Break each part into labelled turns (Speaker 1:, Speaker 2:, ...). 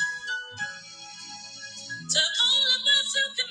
Speaker 1: To all of us who can.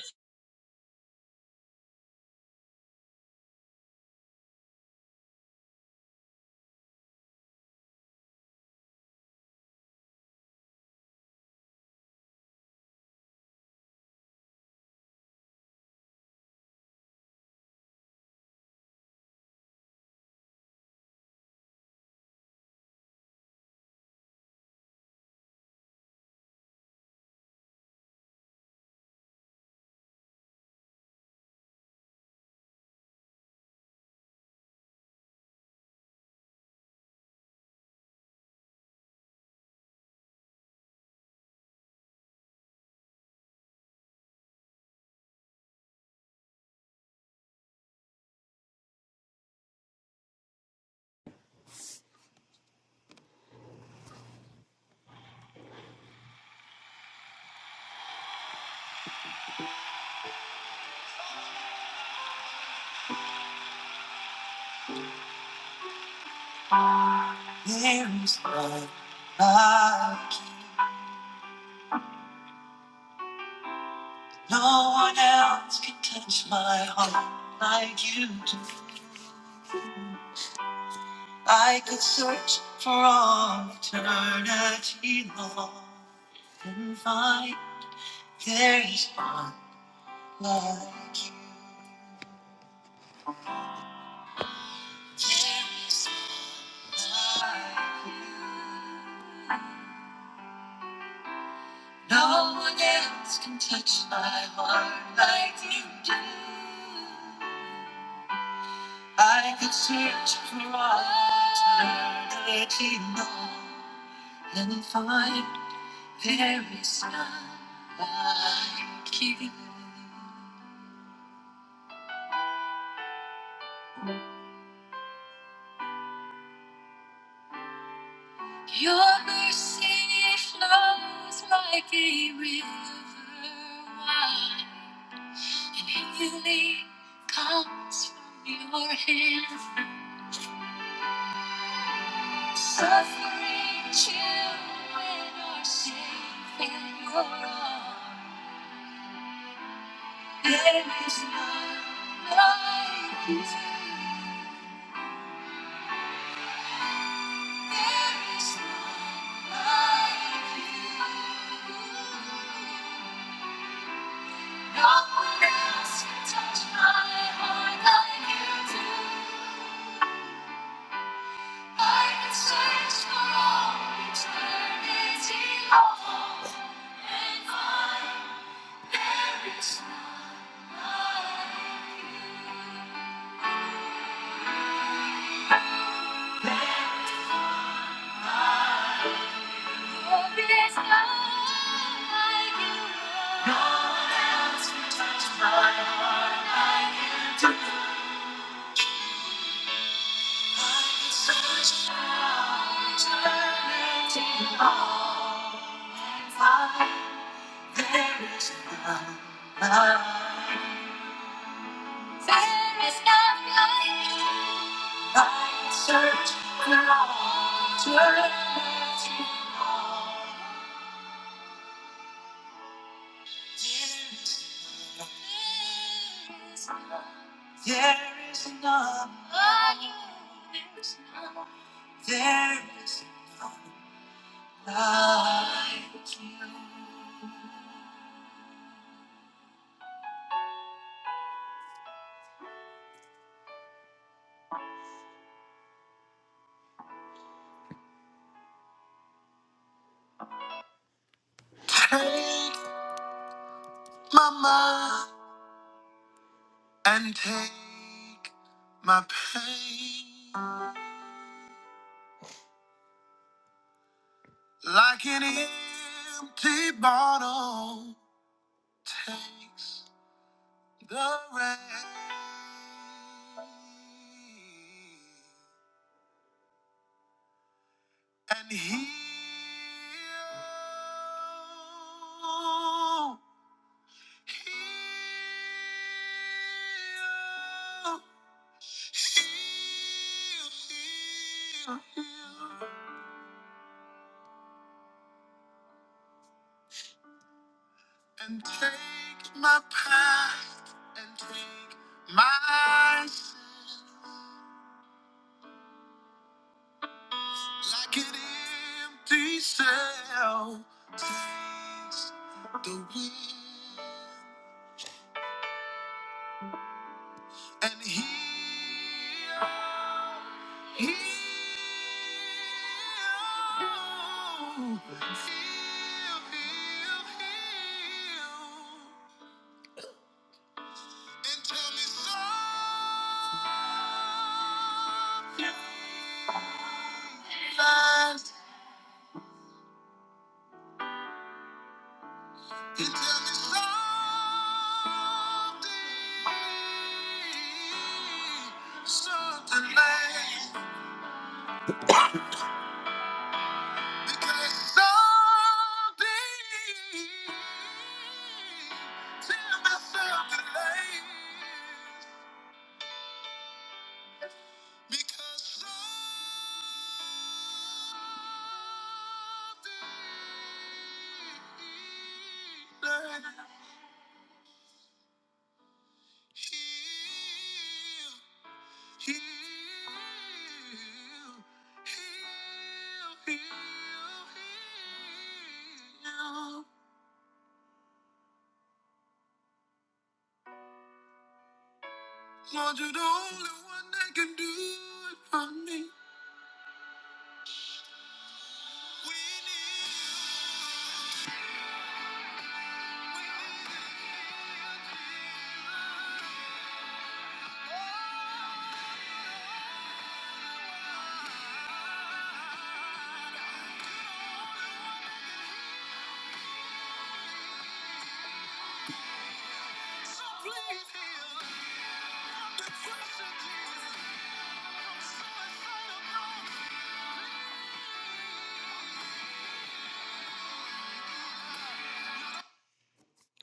Speaker 2: hands like I no one else can touch my heart like you do. I could search for all eternity long and find there is one like you. There is one like you. No one else can touch my heart like you do. I could search for all eternity long and find there is none like you. It's like a river wide, and healing comes from your hand. Suffering children are safe in your arms. There is none like you. There is none like you. No one else can Touch my heart, I can do. There is none. There is none like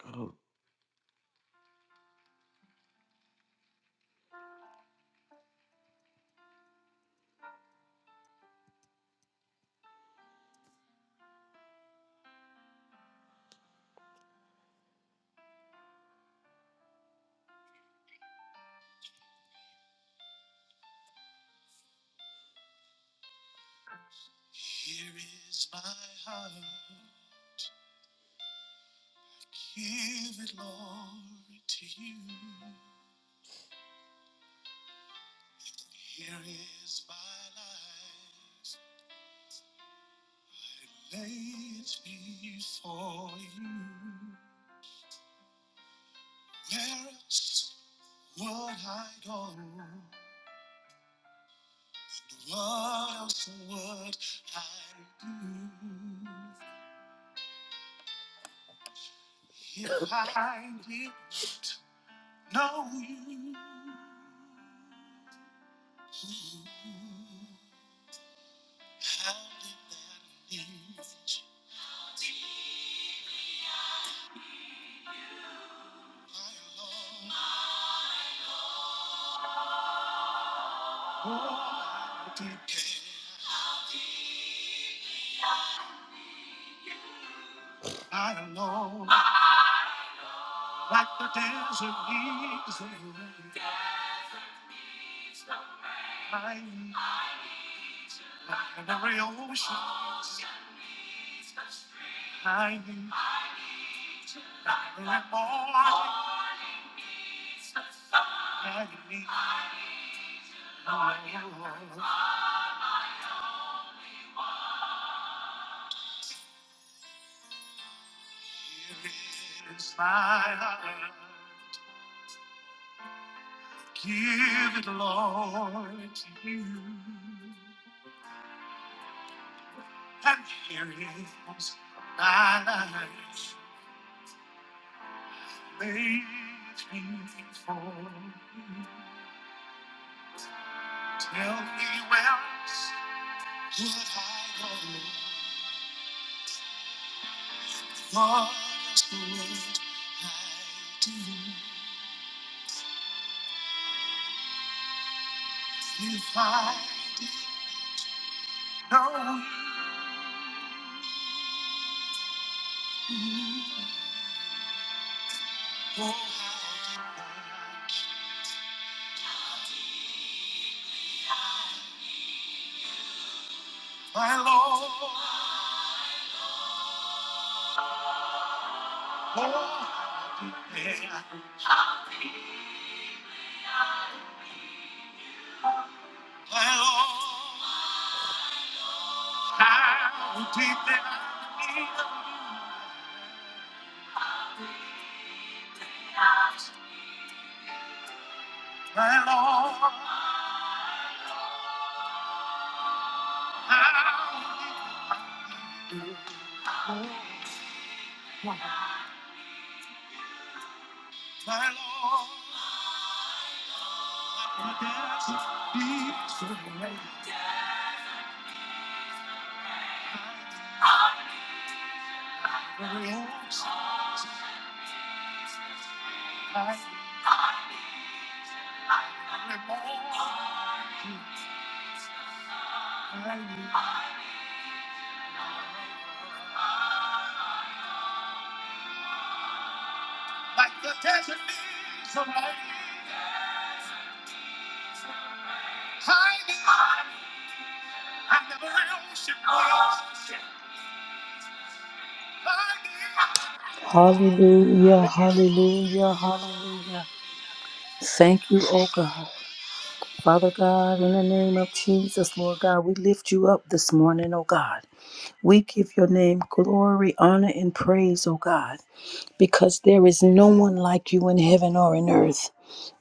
Speaker 2: you. Oh.
Speaker 3: Hallelujah, hallelujah, hallelujah. Thank you, oh God. Father God, in the name of Jesus, Lord God, we lift you up this morning, oh God. We give your name glory, honor, and praise, oh God, because there is no one like you in heaven or in earth.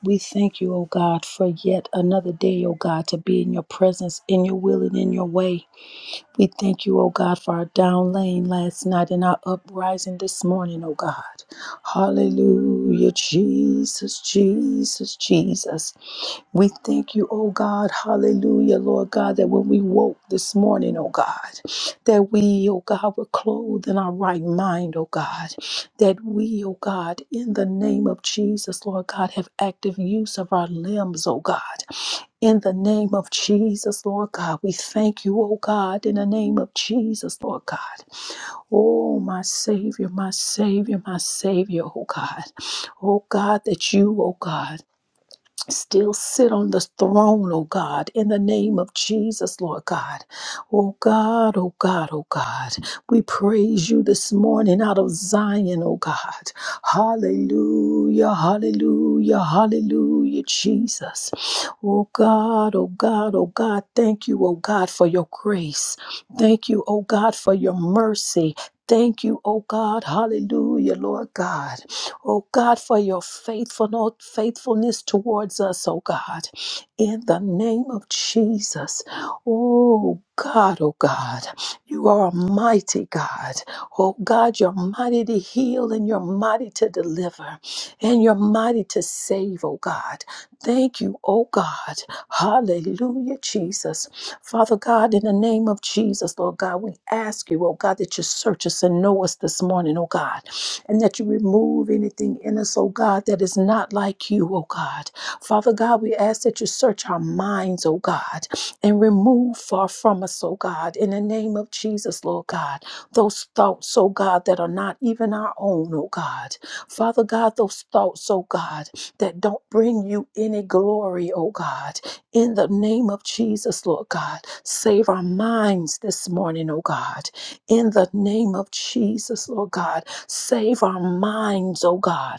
Speaker 3: We thank you, oh God, for yet another day, oh God, to be in your presence, in your will, and in your way. We thank you, O God, for our down lane last night and our uprising this morning, O God. Hallelujah, Jesus, Jesus, Jesus. We thank you, O God, hallelujah, Lord God, that when we woke this morning, O God, that we, O God, were clothed in our right mind, O God, that we, O God, in the name of Jesus, Lord God, have active use of our limbs, O God. In the name of Jesus, Lord God, we thank you, oh God, in the name of Jesus, Lord God. Oh, my Savior, my Savior, my Savior, oh God. Oh God, that you, oh God still sit on the throne, oh God, in the name of Jesus, Lord God. Oh God, oh God, oh God. We praise you this morning out of Zion, oh God. Hallelujah, hallelujah, hallelujah, Jesus. Oh God, oh God, oh God. Thank you, oh God, for your grace. Thank you, oh God, for your mercy. Thank you, oh God. Hallelujah, Lord God. Oh God, for your faithfulness, faithfulness towards us, oh God, in the name of Jesus. Oh God, oh God, you are a mighty God. Oh God, you're mighty to heal and you're mighty to deliver and you're mighty to save, oh God. Thank you, oh God. Hallelujah, Jesus. Father God, in the name of Jesus, Lord God, we ask you, oh God, that you search us and know us this morning, oh God and that you remove anything in us, oh God, that is not like you, oh God. Father God, we ask that you search our minds, oh God, and remove far from us, oh God, in the name of Jesus, Lord God, those thoughts, oh God, that are not even our own, oh God. Father God, those thoughts, oh God, that don't bring you any glory, oh God, in the name of Jesus, Lord God. Save our minds this morning, oh God, in the name of Jesus, Lord God Save our minds, oh God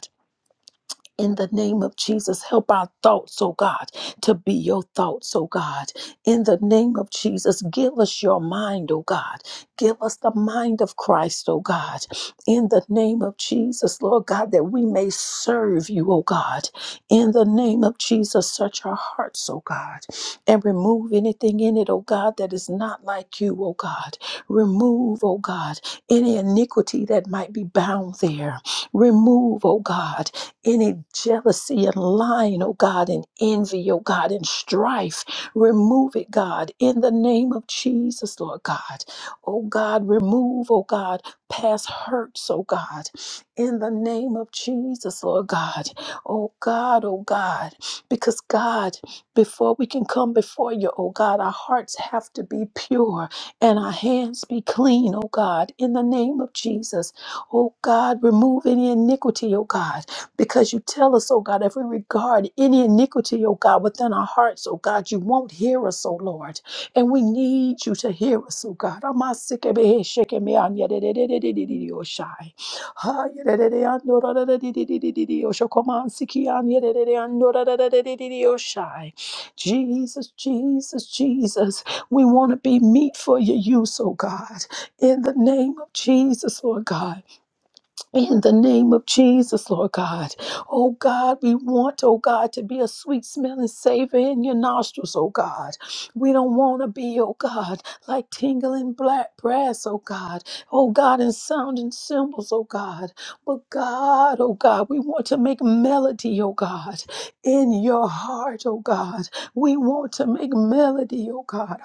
Speaker 3: in the name of Jesus. Help our thoughts, oh God, to be your thoughts, oh God. In the name of Jesus, give us your mind, oh God. Give us the mind of Christ, oh God. In the name of Jesus, Lord God, that we may serve you, oh God. In the name of Jesus, search our hearts, oh God, and remove anything in it, oh God, that is not like you, oh God. Remove, oh God, any iniquity that might be bound there. Remove, oh God any jealousy and lying, oh God, and envy, oh God, and strife. Remove it, God, in the name of Jesus, Lord God. Oh God, remove, oh God, past hurts, oh God, in the name of Jesus, Lord God. Oh God, oh God, because God, before we can come before you, oh God, our hearts have to be pure and our hands be clean, oh God, in the name of Jesus. Oh God, remove any iniquity, oh God. Because you tell us, oh God, if we regard any iniquity, oh God, within our hearts, oh God, you won't hear us, oh Lord, and we need you to hear us, oh God. Oh, Jesus, Jesus, Jesus, we want to be meat for your use, oh God. In the name of Jesus, Lord God. In the name of Jesus, Lord God. Oh God, we want, oh God, to be a sweet smelling savor in your nostrils, oh God. We don't want to be, oh God, like tingling black brass, oh God. Oh God, and sounding cymbals, oh God. But God, oh God, we want to make melody, oh God, in your heart, oh God. We want to make melody, oh God.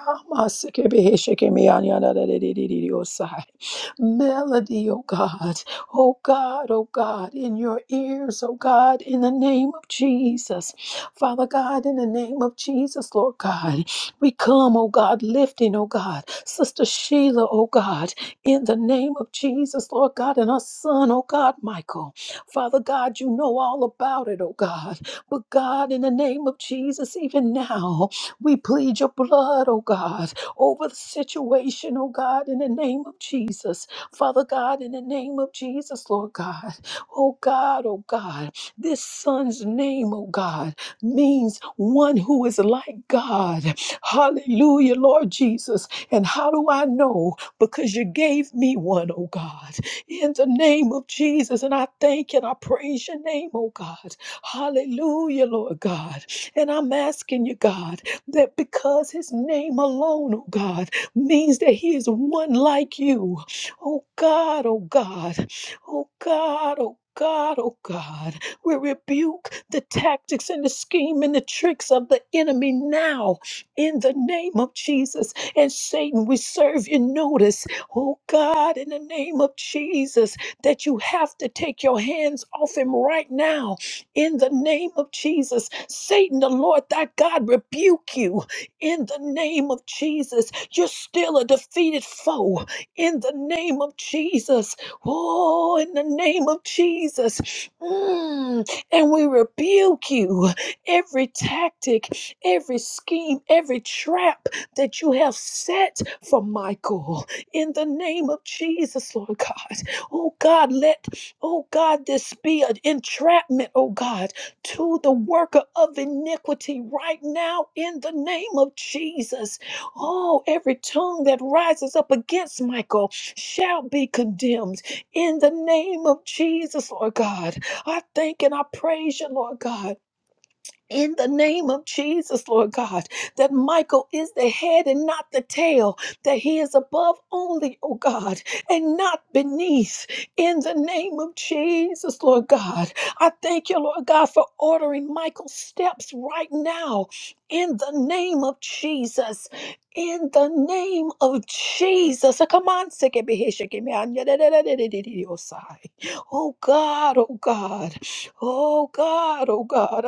Speaker 3: Melody, oh God Oh God, oh God, in your ears, oh God, in the name of Jesus. Father God, in the name of Jesus, Lord God, we come, oh God, lifting, oh God, Sister Sheila, oh God, in the name of Jesus, Lord God, and our son, oh God, Michael. Father God, you know all about it, oh God. But God, in the name of Jesus, even now, we plead your blood, oh God, over the situation, oh God, in the name of Jesus. Father God, in the name of Jesus, Lord God. Oh God, oh God, this son's name, oh God, means one who is like God. Hallelujah, Lord Jesus. And how do I know? Because you gave me one, oh God, in the name of Jesus. And I thank and I praise your name, oh God. Hallelujah, Lord God. And I'm asking you, God, that because his name alone, oh God, means that he is one like you. Oh God, oh God, oh God, oh God, oh God, we rebuke the tactics and the scheme and the tricks of the enemy now in the name of Jesus. And Satan, we serve you notice, oh God, in the name of Jesus, that you have to take your hands off him right now in the name of Jesus. Satan, the Lord thy God, rebuke you in the name of Jesus. You're still a defeated foe in the name of Jesus. Oh, in the name of Jesus. Mm, and we rebuke you every tactic, every scheme, every trap that you have set for Michael in the name of Jesus, Lord God. Oh God, let, oh God, this be an entrapment, oh God, to the worker of iniquity right now in the name of Jesus. Oh, every tongue that rises up against Michael shall be condemned in the name of Jesus, Lord God. I thank and I praise you, Lord God in the name of Jesus, Lord God, that Michael is the head and not the tail, that he is above only, oh God, and not beneath. In the name of Jesus, Lord God, I thank you, Lord God, for ordering Michael's steps right now. In the name of Jesus. In the name of Jesus. Come on, Oh God, oh God, oh God, oh God. Oh God.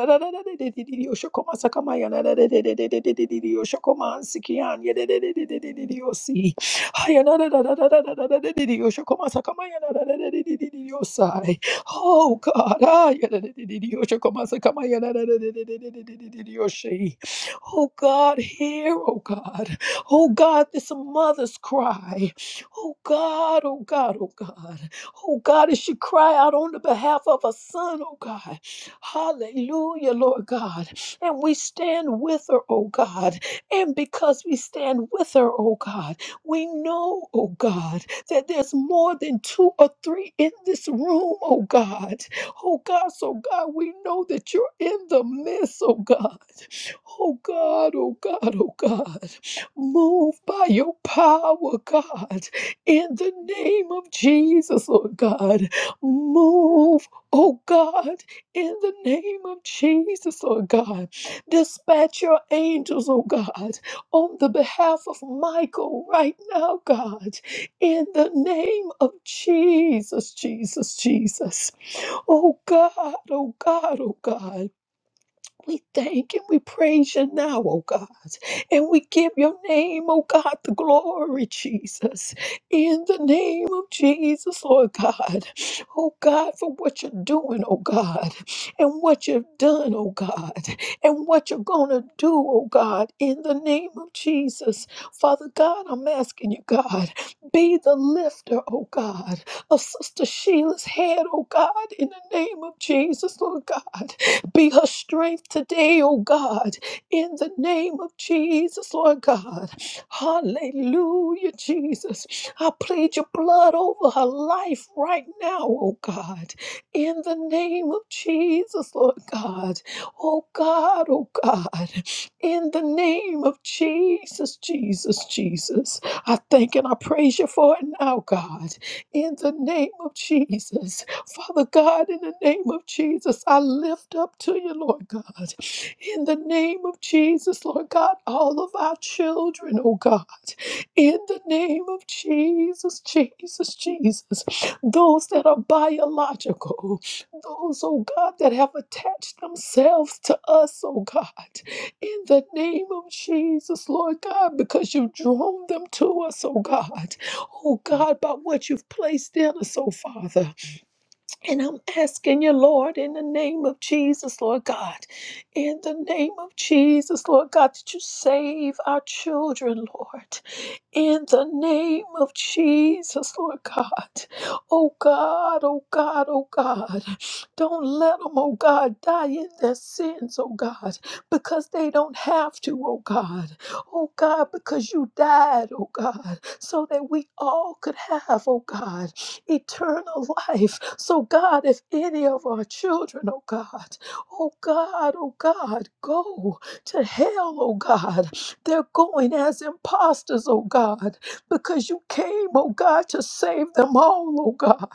Speaker 3: Oh God, hear, oh God. Oh God, this mother's cry. Oh God, oh God, oh God. Oh God, as she cry out on the behalf of her son, oh God. Hallelujah, Lord God. And we stand with her, oh God. And because we stand with her, oh God, we know, oh God, that there's more than two or three in this room, oh God. Oh God, so God, we know that you're in the midst, oh God. Oh God, oh God, oh God. Move by your power, God in the name of Jesus, Lord God. Move, oh God, in the name of Jesus, Lord God. Dispatch your angels, oh God, on the behalf of Michael right now, God, in the name of Jesus, Jesus, Jesus. Oh God, oh God, oh God. We thank and we praise you now, oh God. And we give your name, oh God, the glory, Jesus. In the name of Jesus, Lord God. Oh God, for what you're doing, oh God. And what you've done, oh God. And what you're going to do, oh God. In the name of Jesus. Father God, I'm asking you, God, be the lifter, oh God, of Sister Sheila's head, oh God. In the name of Jesus, Lord God. Be her strength today, oh God, in the name of Jesus, Lord God. Hallelujah, Jesus. I plead your blood over her life right now, oh God, in the name of Jesus, Lord God. Oh God, oh God, in the name of Jesus, Jesus, Jesus. I thank and I praise you for it now, God, in the name of Jesus. Father God, in the name of Jesus, I lift up to you, Lord God. In the name of Jesus, Lord God, all of our children, oh God. In the name of Jesus, Jesus, Jesus. Those that are biological, those, oh God, that have attached themselves to us, oh God. In the name of Jesus, Lord God, because you've drawn them to us, oh God. Oh God, by what you've placed in us, oh Father. And I'm asking you, Lord, in the name of Jesus, Lord God, in the name of Jesus, Lord God, that you save our children, Lord, in the name of Jesus, Lord God. Oh God, oh God, oh God, don't let them, oh God, die in their sins, oh God, because they don't have to, oh God. Oh God, because you died, oh God, so that we all could have, oh God, eternal life. So, God, if any of our children, oh God, oh God, oh God, go to hell, oh God, they're going as imposters, oh God, because you came, oh God, to save them all, oh God.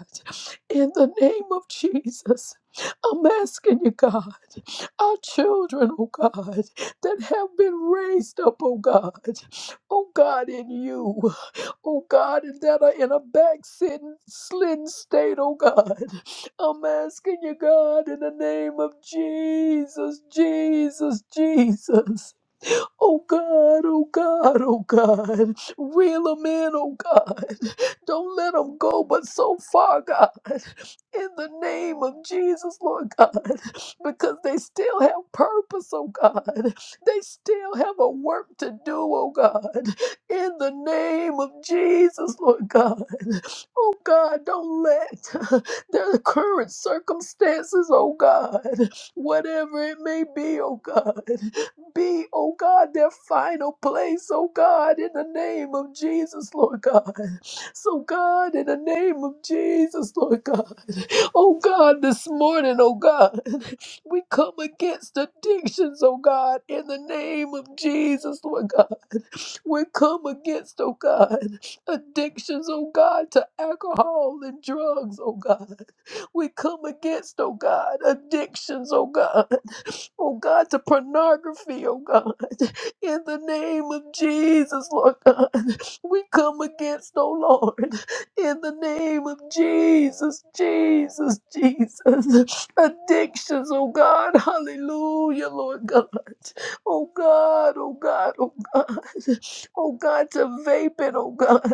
Speaker 3: In the name of Jesus, I'm asking you, God, our children, oh God, that have been raised up, oh God, oh God, in you. Oh God, and that are in a back sitting, slidden state, oh God. I'm asking you, God, in the name of Jesus, Jesus, Jesus. Oh God, oh God, oh God. Reel 'em in, oh God. Don't let 'em go but so far, God in the name of Jesus, Lord God, because they still have purpose, oh God. They still have a work to do, oh God, in the name of Jesus, Lord God. Oh God, don't let their current circumstances, oh God, whatever it may be, oh God, be, oh God, their final place, oh God, in the name of Jesus, Lord God. So, God, in the name of Jesus, Lord God. Oh God, this morning, oh God, we come against addictions, oh God, in the name of Jesus, Lord God. We come against, oh God, addictions, oh God, to alcohol and drugs, oh God. We come against, oh God, addictions, oh God oh God, to pornography, oh God. In the name of Jesus, Lord God, we come against, oh Lord, in the name of Jesus, Jesus, Jesus. Addictions, oh God, hallelujah, Lord God. Oh God, oh God, oh God. Oh God, to vaping, oh God.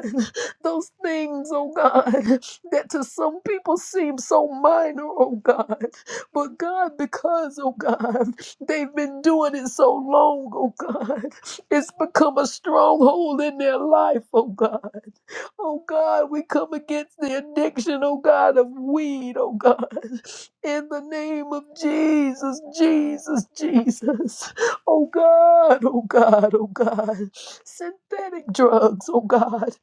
Speaker 3: Those things, oh God, that to some people seem so minor, oh God. But God, because, oh God. They've been doing it so long, oh God. It's become a stronghold in their life, oh God. Oh God, we come against the addiction, oh God, of weed, oh God. In the name of Jesus, Jesus, Jesus. Oh God, oh God, oh God. Synthetic drugs, oh God.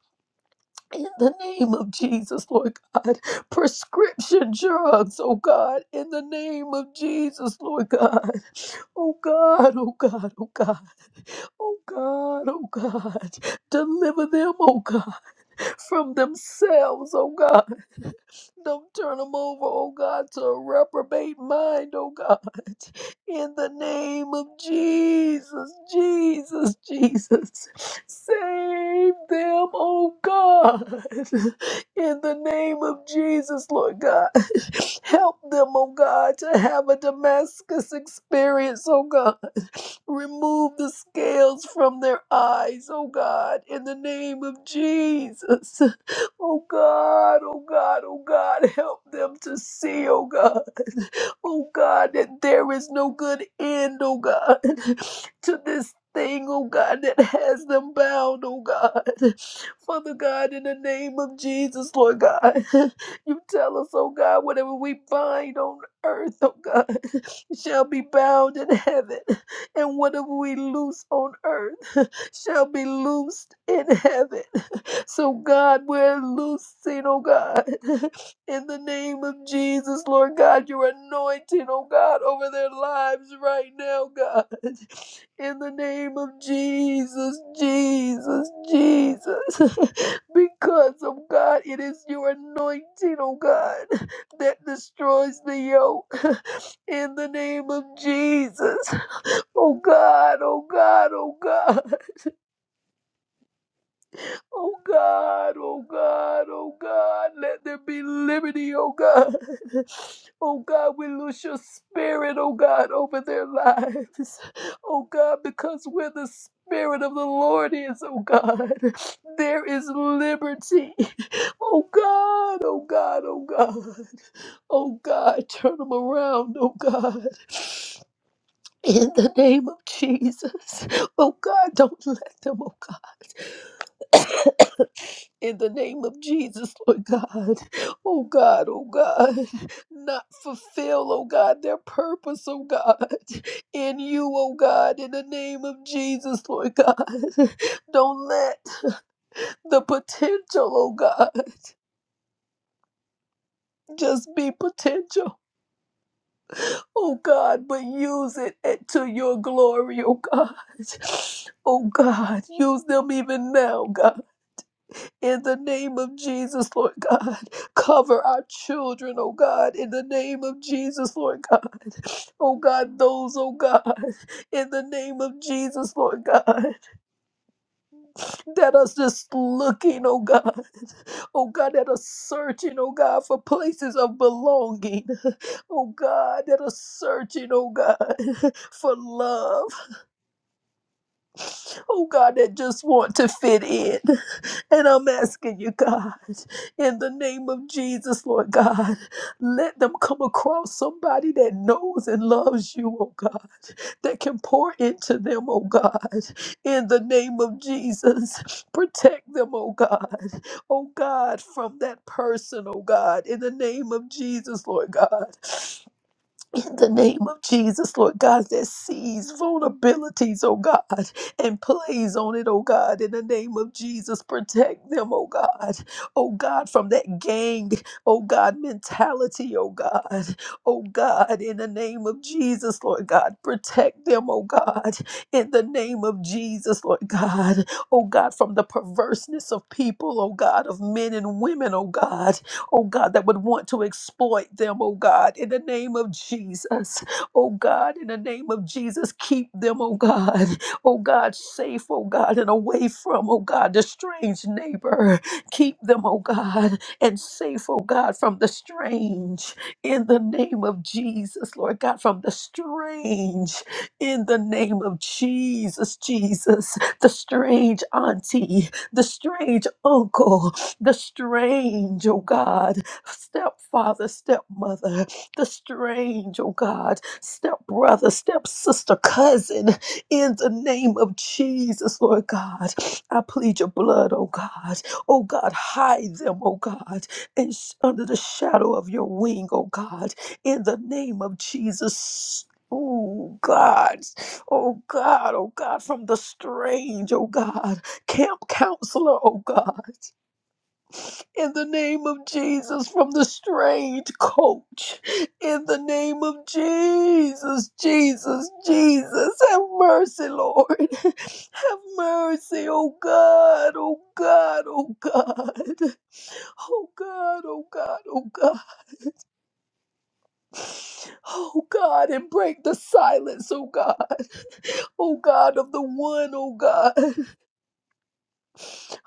Speaker 3: In the name of Jesus, Lord God. Prescription drugs, oh God. In the name of Jesus, Lord God Oh God, oh God, oh God, oh God, oh God, deliver them, oh God, from themselves, oh God. Don't turn them over, oh God, to a reprobate mind, oh God. In the name of Jesus, Jesus, Jesus, save them, oh God. In the name of Jesus, Lord God, help them, oh God, to have a Damascus experience, oh God. Remove the scales from their eyes, oh God, in the name of Jesus. Oh God, oh God, oh God, help them to see, oh God. Oh God, that there is no good end, oh God, to this thing, oh God, that has them bound, oh God. Father God, in the name of Jesus, Lord God, you tell us, oh God, whatever we bind on earth, oh God, shall be bound in heaven and whatever we loose on earth shall be loosed in heaven. So, God, we're loosing, oh God, in the name of Jesus, Lord God, your anointing, oh God, over their lives right now, God. In the name of Jesus, Jesus, Jesus. Because of God, it is your anointing, oh God, that destroys the yoke. In the name of Jesus. Oh God, oh God, oh God, oh God, oh God, oh God, let there be liberty, oh God. Oh God, we loose your spirit, oh God, over their lives. Oh God, because where the spirit of the Lord is, oh God, there is liberty. Oh God, oh God, oh God, oh God, turn them around, oh God, in the name of Jesus. Oh God, don't let them, oh God. in the name of Jesus, Lord God. Oh God, oh God, not fulfill, oh God, their purpose, oh God, in you, oh God, in the name of Jesus, Lord God. Don't let the potential, oh God, just be potential, oh God, but use it to your glory, oh God. Oh God, use them even now, God. In the name of Jesus, Lord God, cover our children, oh God. In the name of Jesus, Lord God. Oh God, those, oh God, in the name of Jesus, Lord God, that are just looking, oh God. Oh God, that are searching, oh God, for places of belonging. Oh God, that are searching, oh God, for love. Oh God, that just want to fit in. And I'm asking you, God, in the name of Jesus, Lord God, let them come across somebody that knows and loves you, oh God, that can pour into them, oh God, in the name of Jesus. Protect them, oh God, oh God, from that person, oh God, in the name of Jesus, Lord God in the name of Jesus, Lord God, that sees vulnerabilities, oh God, and plays on it, oh God, in the name of Jesus, protect them, oh God, oh God, from that gang, oh God, mentality, oh God, oh God, in the name of Jesus, Lord God, protect them, oh God, in the name of Jesus, Lord God, oh God, from the perverseness of people, oh God, of men and women, oh God, oh God, that would want to exploit them, oh God, in the name of Jesus. Oh God, in the name of Jesus, keep them, oh God, oh God, safe, oh God, and away from, oh God, the strange neighbor. Keep them, oh God, and safe, oh God, from the strange in the name of Jesus, Lord God, from the strange in the name of Jesus, Jesus, the strange auntie, the strange uncle, the strange, oh God, stepfather, stepmother, the strange, oh God, stepbrother, stepsister, cousin, in the name of Jesus, Lord God. I plead your blood, oh God. Oh God, hide them, oh God, and sh- under the shadow of your wing, oh God, in the name of Jesus. Oh God, oh God, oh God, from the strange, oh God, camp counselor, oh God in the name of Jesus from the strange coach. In the name of Jesus, Jesus, Jesus, have mercy, Lord. Have mercy, oh God, oh God, oh God. Oh God, oh God, oh God. Oh God, and break the silence, oh God. Oh God of the one, oh God.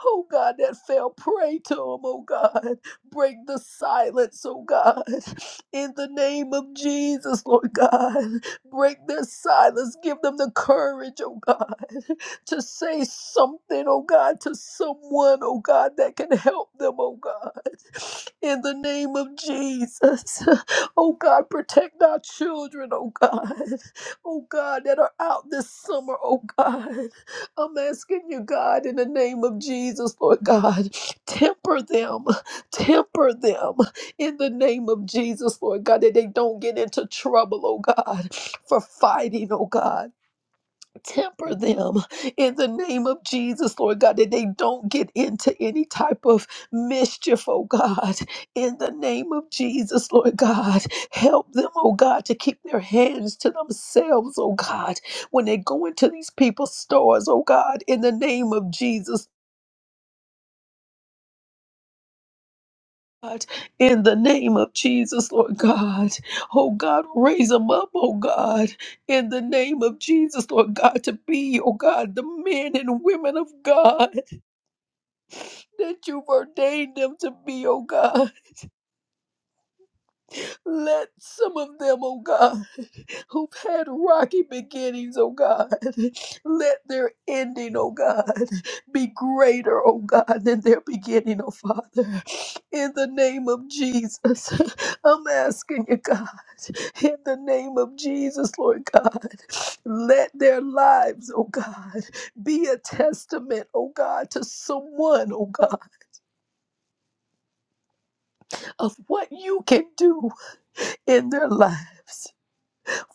Speaker 3: Oh God, that fell prey to him, oh God. Break the silence, oh God. In the name of Jesus, Lord God. Break their silence. Give them the courage, oh God, to say something, oh God, to someone, oh God, that can help them, oh God. In the name of Jesus. Oh God, protect our children, oh God. Oh God, that are out this summer, oh God. I'm asking you, God, in the name of Jesus, Lord God, temper them, temper them in the name of Jesus, Lord God, that they don't get into trouble, oh God, for fighting, oh God temper them in the name of Jesus, Lord God, that they don't get into any type of mischief, oh God, in the name of Jesus, Lord God. Help them, oh God, to keep their hands to themselves, oh God, when they go into these people's stores, oh God, in the name of Jesus. God, in the name of Jesus, Lord God. Oh God, raise them up, oh God, in the name of Jesus, Lord God, to be, oh God, the men and women of God that you've ordained them to be, oh God. Let some of them, oh God, who've had rocky beginnings, oh God, let their ending, oh God, be greater, oh God, than their beginning, oh Father. In the name of Jesus, I'm asking you, God, in the name of Jesus, Lord God, let their lives, oh God, be a testament, oh God, to someone, oh God, of what you can do in their lives.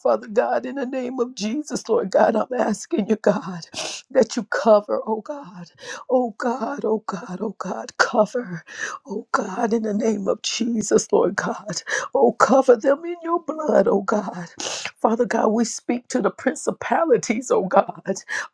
Speaker 3: Father God, in the name of Jesus, Lord God, I'm asking you, God, that you cover, oh God, oh God, oh God, oh God, cover, oh God, in the name of Jesus, Lord God, oh cover them in your blood, oh God. Father God, we speak to the principalities, oh God,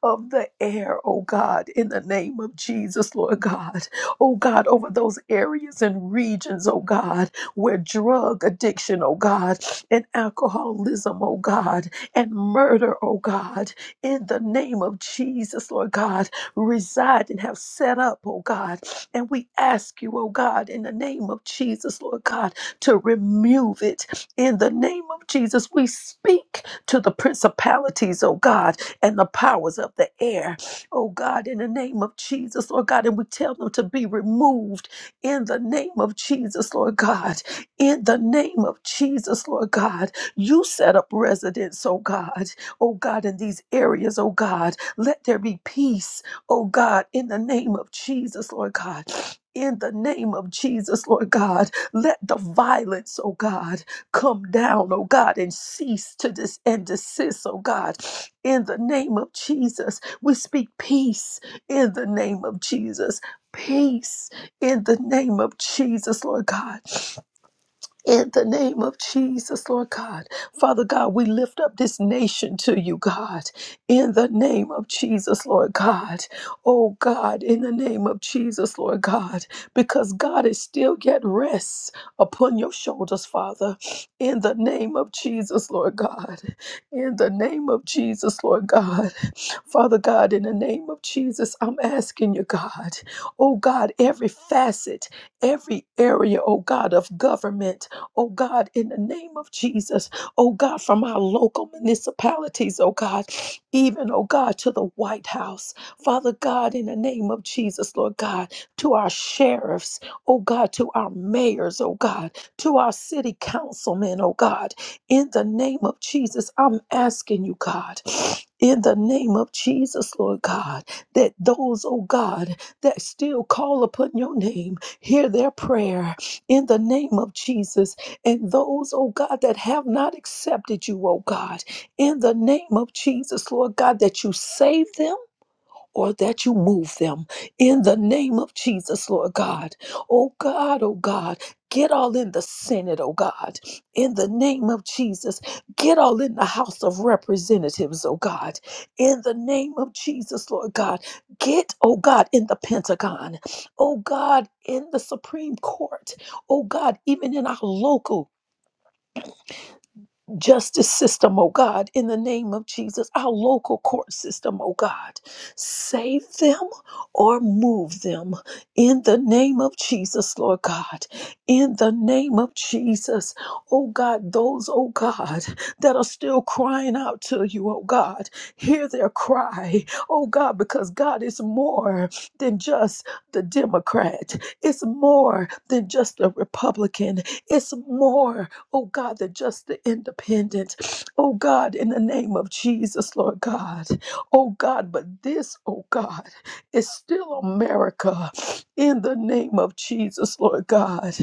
Speaker 3: of the air, oh God, in the name of Jesus, Lord God, oh God, over those areas and regions, oh God, where drug addiction, oh God, and alcoholism, oh God, and murder, oh God, in the name of Jesus, Lord God, reside and have set up, oh God. And we ask you, oh God, in the name of Jesus, Lord God, to remove it. In the name of Jesus, we speak to the principalities, oh God, and the powers of the air, oh God, in the name of Jesus, Lord God, and we tell them to be removed in the name of Jesus, Lord God. In the name of Jesus, Lord God, you set up residence, oh God, oh God, in these areas, oh God. Let there be peace, oh God, in the name of Jesus, Lord God. In the name of Jesus, Lord God, let the violence, oh God, come down, oh God, and cease to this and desist, oh God. In the name of Jesus, we speak peace in the name of Jesus. Peace in the name of Jesus, Lord God in the name of Jesus, Lord God. Father God, we lift up this nation to you, God. In the name of Jesus, Lord God. Oh God, in the name of Jesus, Lord God. Because God is still yet rests upon your shoulders, Father. In the name of Jesus, Lord God. In the name of Jesus, Lord God. Father God, in the name of Jesus, I'm asking you, God. Oh God, every facet, every area, oh God, of government oh God, in the name of Jesus, oh God, from our local municipalities, oh God, even, oh God, to the White House. Father God, in the name of Jesus, Lord God, to our sheriffs, oh God, to our mayors, oh God, to our city councilmen, oh God, in the name of Jesus, I'm asking you, God, in the name of Jesus, Lord God, that those, oh God, that still call upon your name, hear their prayer in the name of Jesus and those, oh God, that have not accepted you, oh God, in the name of Jesus, Lord God, that you save them. Or that you move them in the name of Jesus, Lord God. Oh God, oh God, get all in the Senate, oh God, in the name of Jesus. Get all in the House of Representatives, oh God, in the name of Jesus, Lord God. Get, oh God, in the Pentagon, oh God, in the Supreme Court, oh God, even in our local justice system, oh God, in the name of Jesus, our local court system, oh God. Save them or move them in the name of Jesus, Lord God. In the name of Jesus, oh God, those, oh God, that are still crying out to you, oh God, hear their cry, oh God, because God is more than just the Democrat, it's more than just a Republican, it's more oh God, the just, the independent, oh God, in the name of Jesus, Lord God, oh God, but this, oh God, is still America in the name of Jesus, Lord God,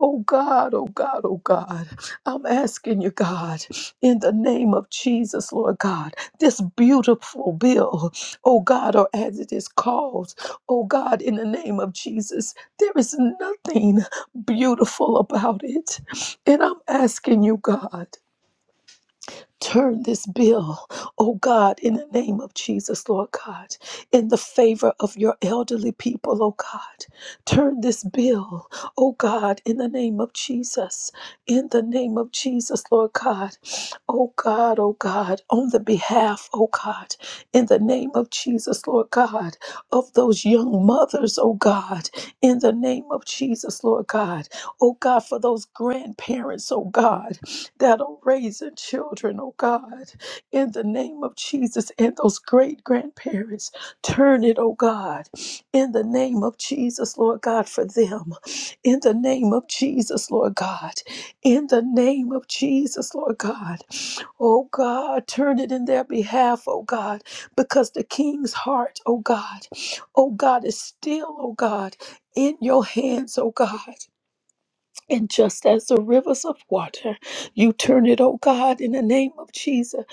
Speaker 3: oh God, oh God, oh God, I'm asking you, God, in the name of Jesus, Lord God, this beautiful bill, oh God, or as it is called, oh God, in the name of Jesus, there is nothing beautiful about it. And I'm asking you, God, turn this bill, oh God, in the name of Jesus, Lord God, in the favor of your elderly people, oh God. Turn this bill, oh God, in the name of Jesus, in the name of Jesus, Lord God. Oh God, oh God, on the behalf, oh God, in the name of Jesus, Lord God, of those young mothers, oh God, in the name of Jesus, Lord God. Oh God, for those grandparents, oh God that are raising children, oh God, in the name of Jesus and those great grandparents. Turn it, oh God, in the name of Jesus, Lord God, for them. In the name of Jesus, Lord God. In the name of Jesus, Lord God. Oh God, turn it in their behalf, oh God, because the king's heart, oh God, oh God, is still, oh God, in your hands, oh God. And just as the rivers of water, you turn it, oh God, in the name of Jesus.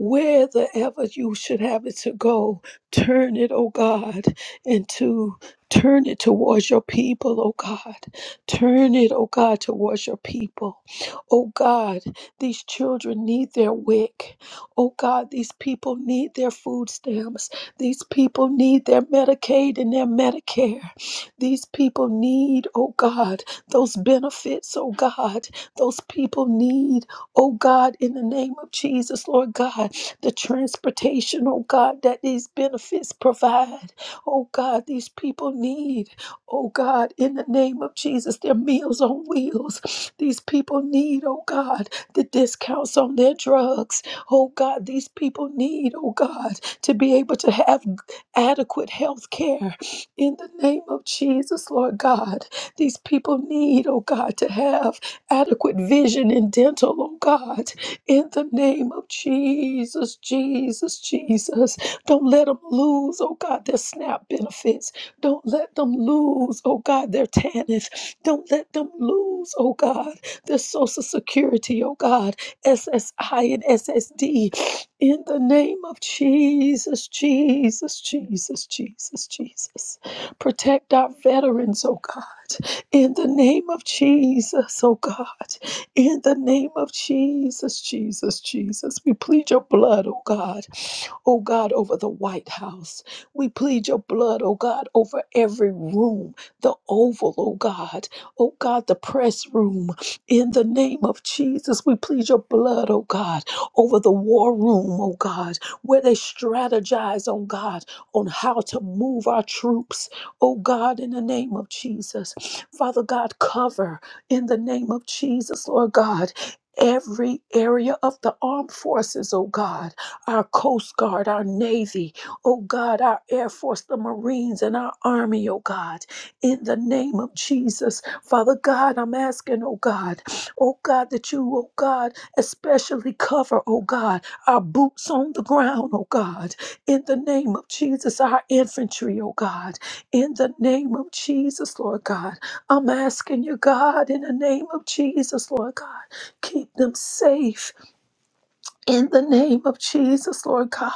Speaker 3: Wherever you should have it to go, turn it, oh God, into turn it towards your people, oh God. Turn it, oh God, towards your people. Oh God, these children need their wick. Oh God, these people need their food stamps. These people need their Medicaid and their Medicare. These people need, oh God, those benefits, oh God, those people need, oh God, in the name of Jesus, Lord God, the transportation, oh God, that these benefits provide, oh God, these people need, oh God, in the name of Jesus, their meals on wheels, these people need, oh God, the discounts on their drugs, oh God, these people need, oh God, to be able to have adequate health care in the name of Jesus, Lord God. These people need, oh God, to have adequate vision and dental, oh God, in the name of Jesus, Jesus, Jesus. Don't let them lose, oh God, their SNAP benefits. Don't let them lose, oh God, their TANF. Don't let them lose, oh God, their Social Security, oh God, SSI and SSD. In the name of Jesus, Jesus, Jesus, Jesus, Jesus. Protect our veterans, oh God. In the name of Jesus, oh God. In the name of Jesus, Jesus, Jesus. We plead your blood, oh God. Oh God, over the White House. We plead your blood, oh God, over every room, the oval, oh God. Oh God, the press room. In the name of Jesus, we plead your blood, oh God, over the war room, oh God, where they strategize, oh God, on how to move our troops Oh God, in the name of Jesus. Father God, cover in the name of Jesus, Lord God. Every area of the armed forces, oh God, our Coast Guard, our Navy, oh God, our Air Force, the Marines, and our Army, oh God, in the name of Jesus. Father God, I'm asking, oh God, oh God, that you, oh God, especially cover, oh God, our boots on the ground, oh God, in the name of Jesus, our infantry, oh God. In the name of Jesus, Lord God, I'm asking you, God, in the name of Jesus, Lord God, keep them safe in the name of Jesus, Lord God.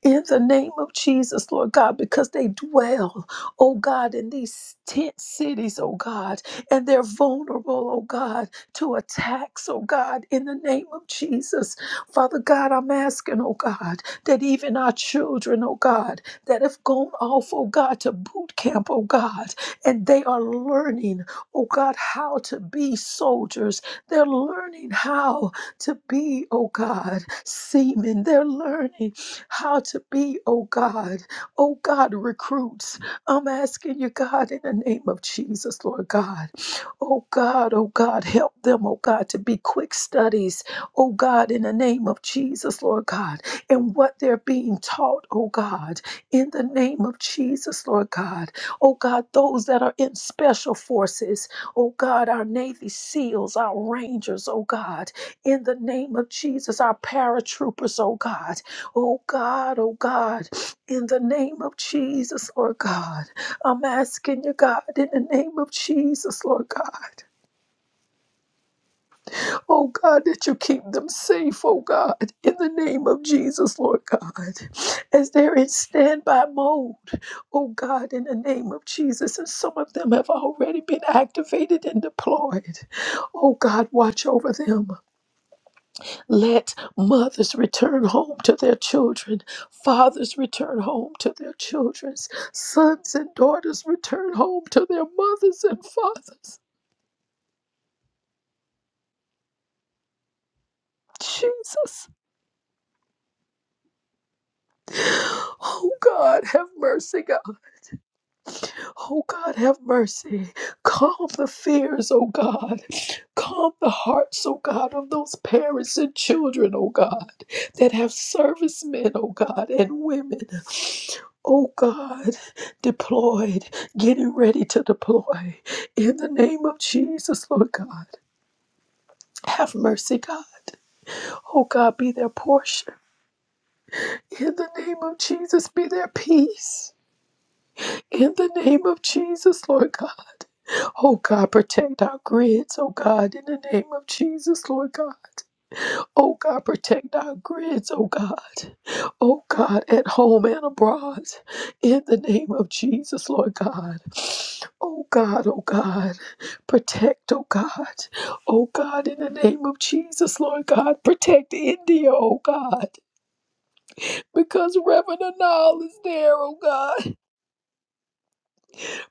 Speaker 3: In the name of Jesus, Lord God, because they dwell, oh God, in these tent cities, oh God, and they're vulnerable, oh God, to attacks, oh God, in the name of Jesus. Father God, I'm asking, oh God, that even our children, oh God, that have gone off, oh God, to boot camp, oh God, and they are learning, oh God, how to be soldiers. They're learning how to be, oh God, seamen. They're learning how to be, oh God, oh God, recruits. I'm asking you, God, in the name of Jesus, Lord God, oh God, oh God, help them, oh God, to be quick studies, oh God, in the name of Jesus, Lord God, and what they're being taught, oh God, in the name of Jesus, Lord God, oh God, those that are in special forces, oh God, our Navy SEALs, our Rangers, oh God in the name of Jesus, our paratroopers, oh God, oh God, oh God, in the name of Jesus, Lord God, I'm asking you, God, in the name of Jesus, Lord God, oh God, that you keep them safe, oh God, in the name of Jesus, Lord God, as they're in standby mode, oh God, in the name of Jesus, and some of them have already been activated and deployed, oh God, watch over them. Let mothers return home to their children, fathers return home to their children, sons and daughters return home to their mothers and fathers. Jesus, oh God, have mercy, God. Oh God, have mercy. Calm the fears, oh God. Calm the hearts, oh God, of those parents and children, oh God, that have servicemen, oh God, and women. oh God, deployed, getting ready to deploy. In the name of Jesus, Lord God, have mercy, God. Oh God, be their portion. In the name of Jesus, be their peace. In the name of Jesus, Lord God. Oh God, protect our grids, oh God, in the name of Jesus, Lord God. Oh God, protect our grids, oh God. Oh God, at home and abroad. In the name of Jesus, Lord God. Oh God, oh God, protect, oh God, oh God, in the name of Jesus, Lord God, protect India, oh God, because Reverend Anal is there, oh God,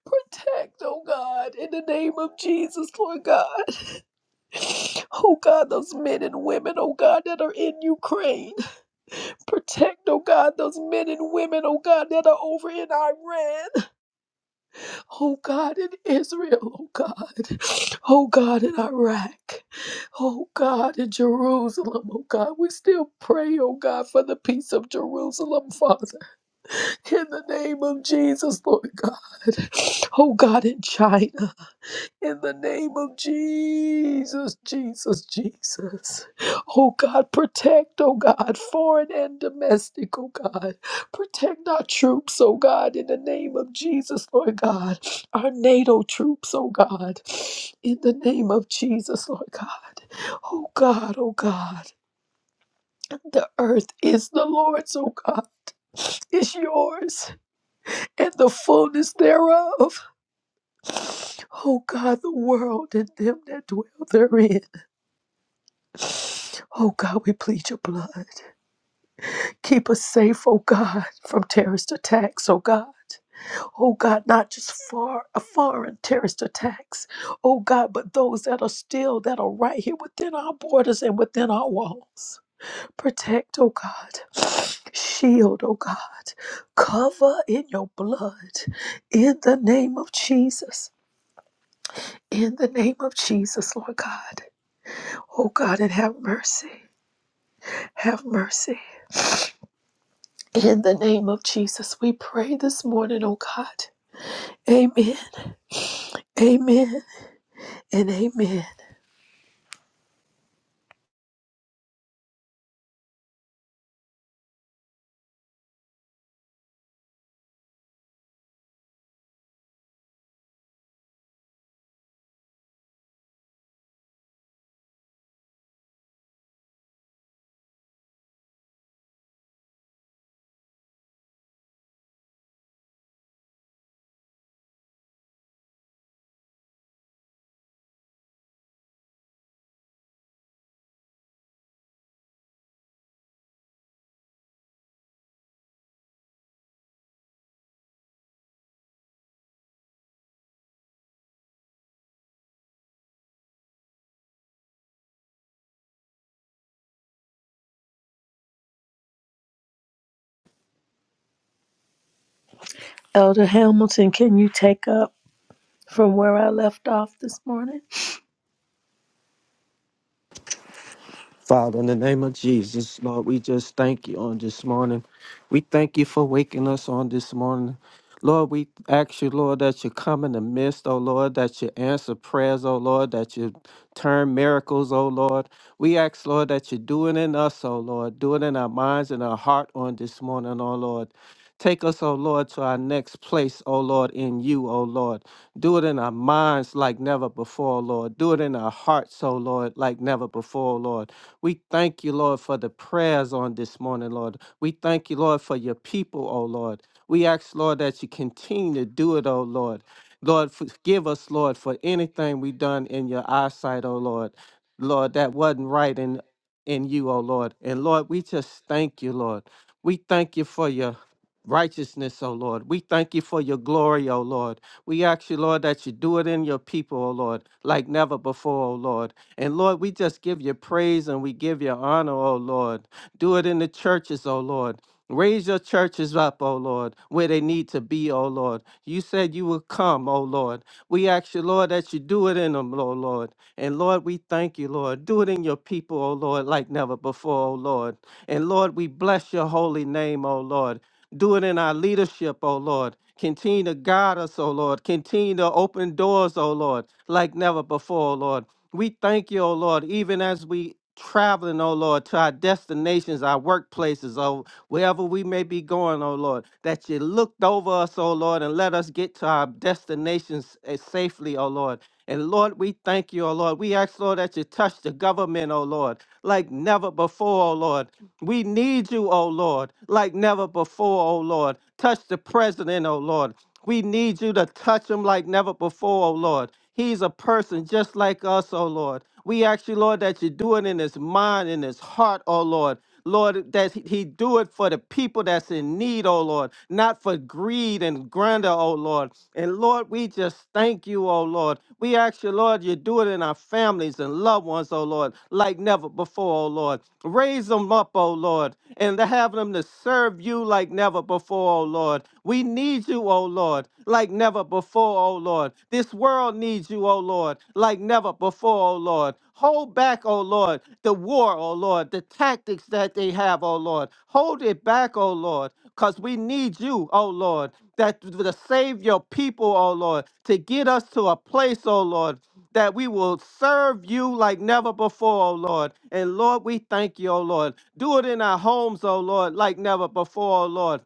Speaker 3: protect, oh God, in the name of Jesus, Lord God, oh God, those men and women, oh God, that are in Ukraine, protect, oh God, those men and women, oh God, that are over in Iran, Oh God, in Israel, oh God. Oh God, in Iraq. Oh God, in Jerusalem, oh God. We still pray, oh God, for the peace of Jerusalem, Father. In the name of Jesus, Lord God. Oh God, in China. In the name of Jesus, Jesus, Jesus. Oh God, protect, oh God, foreign and domestic, oh God. Protect our troops, oh God, in the name of Jesus, Lord God. Our NATO troops, oh God, in the name of Jesus, Lord God. Oh God, oh God. The earth is the Lord's, oh God. Is yours and the fullness thereof. Oh God, the world and them that dwell therein. Oh God, we plead your blood. Keep us safe, oh God, from terrorist attacks, oh God. Oh God, not just far uh, foreign terrorist attacks, oh God, but those that are still that are right here within our borders and within our walls. Protect, oh God. Shield, oh God. Cover in your blood. In the name of Jesus. In the name of Jesus, Lord God. Oh God, and have mercy. Have mercy. In the name of Jesus, we pray this morning, oh God. Amen. Amen. And amen. Elder Hamilton, can you take up from where I left off this morning?
Speaker 2: Father, in the name of Jesus, Lord, we just thank you on this morning. We thank you for waking us on this morning. Lord, we ask you, Lord, that you come in the midst, oh Lord, that you answer prayers, oh Lord, that you turn miracles, oh Lord. We ask, Lord, that you do it in us, oh Lord, do it in our minds and our heart on this morning, oh Lord. Take us, oh Lord, to our next place, oh Lord, in you, oh Lord. Do it in our minds like never before, Lord. Do it in our hearts, oh Lord, like never before, Lord. We thank you, Lord, for the prayers on this morning, Lord. We thank you, Lord, for your people, oh Lord. We ask, Lord, that you continue to do it, oh Lord. Lord, forgive us, Lord, for anything we done in your eyesight, oh Lord. Lord, that wasn't right in in you, oh Lord. And Lord, we just thank you, Lord. We thank you for your righteousness, oh Lord. We thank you for your glory, oh Lord. We ask you, Lord, that you do it in your people, oh Lord, like never before, oh Lord. And Lord, we just give you praise and we give you honor, oh Lord. Do it in the churches, oh Lord. Raise your churches up, O Lord, where they need to be, O Lord. You said you would come, O Lord. We ask you, Lord, that you do it in them, oh Lord. And Lord, we thank you, Lord. Do it in your people, O Lord, like never before, O Lord. And Lord, we bless your holy name, O Lord. Do it in our leadership, O Lord. Continue to guide us, O Lord. Continue to open doors, O Lord, like never before, O Lord. We thank you, O Lord, even as we traveling, O Lord, to our destinations, our workplaces, oh, wherever we may be going, O Lord, that you looked over us, O Lord, and let us get to our destinations eh, safely, O Lord. And Lord, we thank you, O Lord. We ask, Lord, that you touch the government, O Lord, like never before, O Lord. We need you, O Lord, like never before, O Lord. Touch the president, O Lord. We need you to touch him like never before, oh Lord. He's a person just like us, oh Lord. We ask you, Lord, that you do it in his mind, in his heart, oh Lord. Lord, that he he do it for the people that's in need, oh Lord, not for greed and grandeur, oh Lord. And Lord, we just thank you, oh Lord. We ask you, Lord, you do it in our families and loved ones, oh Lord, like never before, oh Lord. Raise them up, oh Lord, and to have them to serve you like never before, oh Lord. We need you, O Lord, like never before, O Lord. This world needs you, O Lord, like never before, O Lord. Hold back, O Lord, the war, O Lord, the tactics that they have, O Lord. Hold it back, O Lord, because we need you, O Lord, that to save your people, O Lord, to get us to a place, O Lord, that we will serve you like never before, O Lord. And Lord, we thank you, O Lord. Do it in our homes, O Lord, like never before, O Lord.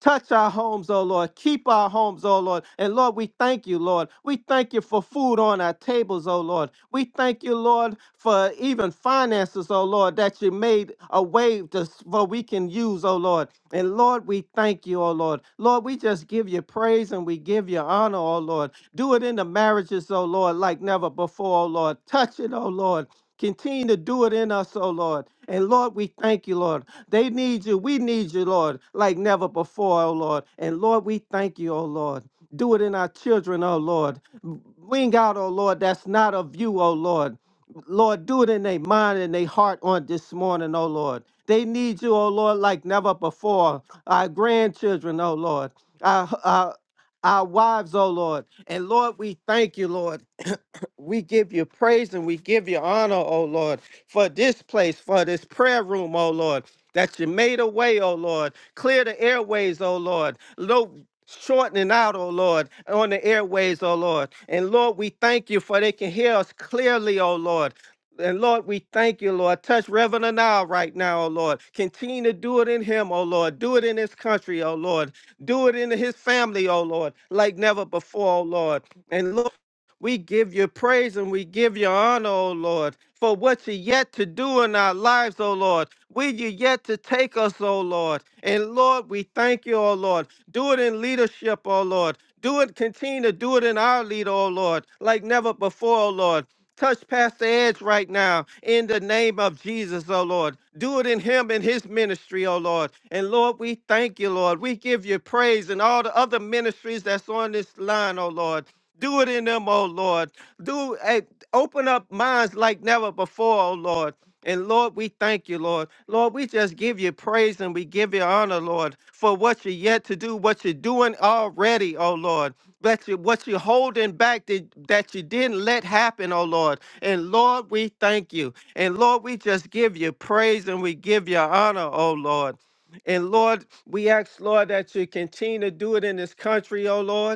Speaker 2: Touch our homes, oh Lord. Keep our homes, oh Lord. And Lord, we thank you, Lord. We thank you for food on our tables, oh Lord. We thank you, Lord, for even finances, oh Lord, that you made a way to, for we can use, oh Lord. And Lord, we thank you, oh Lord. Lord, we just give you praise and we give you honor, oh Lord. Do it in the marriages, oh Lord, like never before, oh Lord. Touch it, oh Lord. Continue to do it in us, oh Lord. And Lord, we thank you, Lord. They need you. We need you, Lord, like never before, oh Lord. And Lord, we thank you, oh Lord. Do it in our children, oh Lord. Bring out, oh Lord, that's not of you, oh Lord. Lord, do it in their mind and their heart on this morning, oh Lord. They need you, oh Lord, like never before. Our grandchildren, oh Lord. Our, our, our wives, oh Lord. And Lord, we thank you, Lord. We give you praise and we give you honor, O Lord, for this place, for this prayer room, O Lord, that you made a way, O Lord. Clear the airways, O Lord. No shortening out, O Lord, on the airways, O Lord. And Lord, we thank you for they can hear us clearly, O Lord. And Lord, we thank you, Lord. Touch Reverend now right now, O Lord. Continue to do it in him, O Lord. Do it in this country, O Lord. Do it in his family, O Lord, like never before, O Lord. And Lord, we give you praise and we give you honor, O Lord, for what you yet to do in our lives, O Lord. Where you yet to take us, O Lord. And Lord, we thank you, O Lord. Do it in leadership, O Lord. Do it, continue to do it in our lead, O Lord, like never before, O Lord. Touch Pastor Edge right now in the name of Jesus, oh Lord. Do it in him and his ministry, oh Lord. And Lord, we thank you, Lord. We give you praise and all the other ministries that's on this line, oh Lord. Do it in them, oh Lord. Do eh, open up minds like never before, oh Lord. And Lord, we thank you, Lord. Lord, we just give you praise and we give you honor, Lord, for what you're yet to do, what you're doing already, oh Lord. That you, what you're holding back that, that you didn't let happen, oh Lord. And Lord, we thank you. And Lord, we just give you praise and we give you honor, oh Lord. And Lord, we ask, Lord, that you continue to do it in this country, oh Lord.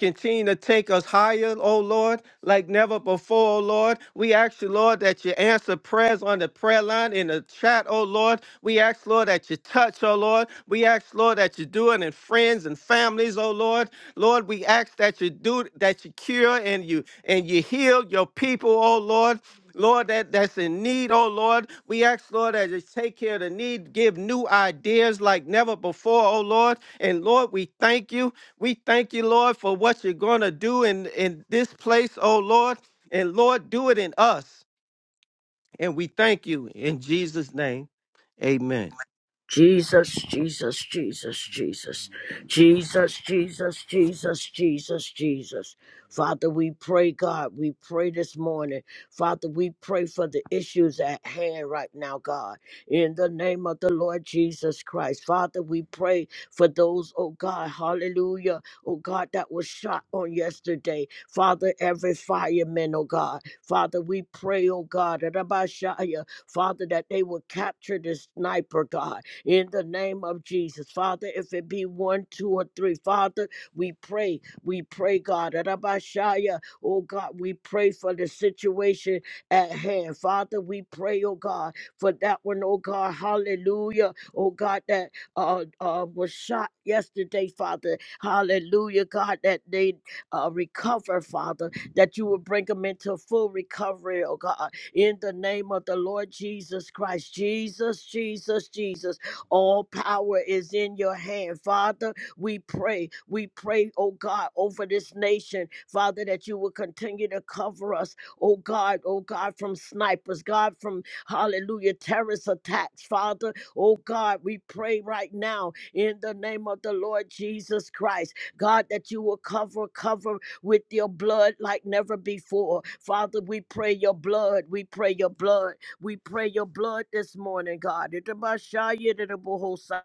Speaker 2: Continue to take us higher, oh Lord, like never before, oh Lord. We ask you, Lord, that you answer prayers on the prayer line in the chat, oh Lord. We ask, Lord, that you touch, oh Lord. We ask, Lord, that you do it in friends and families, oh Lord. Lord, we ask that you do that you cure and you and you heal your people, oh Lord. Lord, that, that's in need, oh Lord. We ask, Lord, that you take care of the need, give new ideas like never before, oh Lord. And Lord, we thank you. We thank you, Lord, for what you're going to do in, in this place, oh Lord. And Lord, do it in us. And we thank you in Jesus' name. Amen.
Speaker 1: Jesus, Jesus, Jesus, Jesus, Jesus, Jesus, Jesus, Jesus, Jesus. Father, we pray, God, we pray this morning. Father, we pray for the issues at hand right now, God. In the name of the Lord Jesus Christ. Father, we pray for those, oh God, hallelujah, oh God, that was shot on yesterday. Father, every fireman, oh God. Father, we pray, oh God, that Shaya, Father, that they will capture the sniper, God in the name of Jesus. Father, if it be one, two, or three, Father, we pray. We pray, God. Rabashaya, oh God, we pray for the situation at hand. Father, we pray, oh God, for that one, oh God. Hallelujah. Oh God, that uh, uh was shot yesterday, Father. Hallelujah, God, that they uh recover, Father, that you will bring them into full recovery, oh God in the name of the Lord Jesus Christ. Jesus, Jesus, Jesus. All power is in your hand. Father, we pray. We pray, oh God, over this nation, Father, that you will continue to cover us, oh God, oh God, from snipers, God, from hallelujah, terrorist attacks, Father. Oh God, we pray right now in the name of the Lord Jesus Christ, God, that you will cover, cover with your blood like never before. Father, we pray your blood. We pray your blood. We pray your blood this morning, God. Itabashayititabohosa.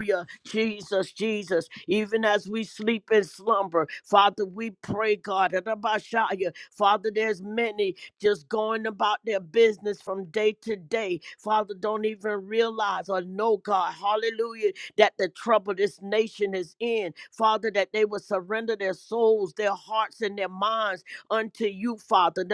Speaker 1: Hallelujah. Jesus, Jesus, even as we sleep and slumber, Father, we pray, God, Itabashaya. Father, there's many just going about their business from day to day. Father, don't even realize or know, God, hallelujah, that the trouble this nation is in. Father, that they will surrender their souls, their hearts, and their minds unto you, Father.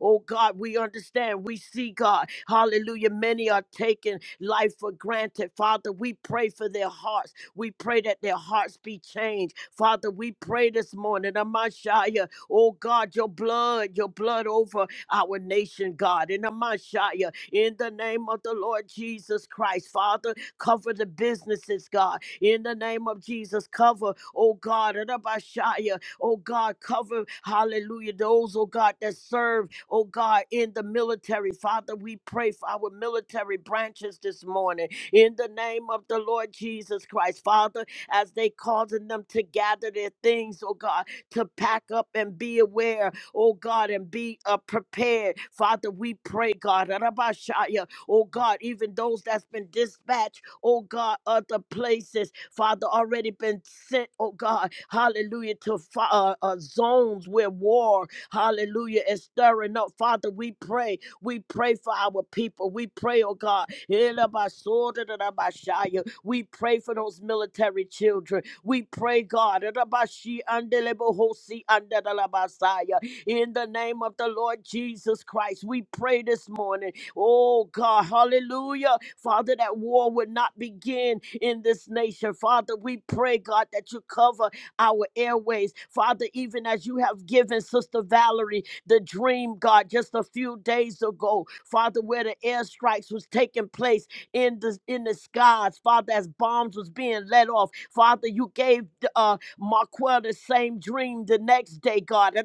Speaker 1: Oh God, we understand. We see God. Hallelujah. Many are taking life for granted. Father, we pray for their hearts. We pray that their hearts be changed. Father, we pray this morning, Amashaya. Oh God, your blood, your blood over our nation, God. In Amashaya, in the name of the Lord Jesus Christ, Father, cover the businesses, God. In the name of Jesus, cover, oh God, in Amashaya, Oh God, cover, hallelujah, those, oh God, that serve, oh God, in the military. Father, we pray for our military branches this morning in the name of the Lord Jesus Christ. Father, as they causing them to gather their things, oh God, to pack up and be aware, oh God, and be uh, prepared. Father, we pray, God, oh God, even those that's been dispatched, oh God, other places, Father, already been sent, oh God, hallelujah, to fa- uh, uh, zones where war, hallelujah, is stirring up. Father, we pray, we pray for our people, we pray, oh God, Elabasodadadabashaya. we pray for those military children, we pray, God, Elabashi andelebohosi andadalabasaya. in the name of the Lord Jesus Christ, we pray this morning. Oh God, hallelujah. Father, that war would not begin in this nation. Father, we pray, God, that you cover our airways. Father, even as you have given Sister Valerie the dream, God, just a few days ago, Father, where the airstrikes was taking place in the in the skies, Father, as bombs was being let off. Father, you gave uh Marquel the same dream the next day, God.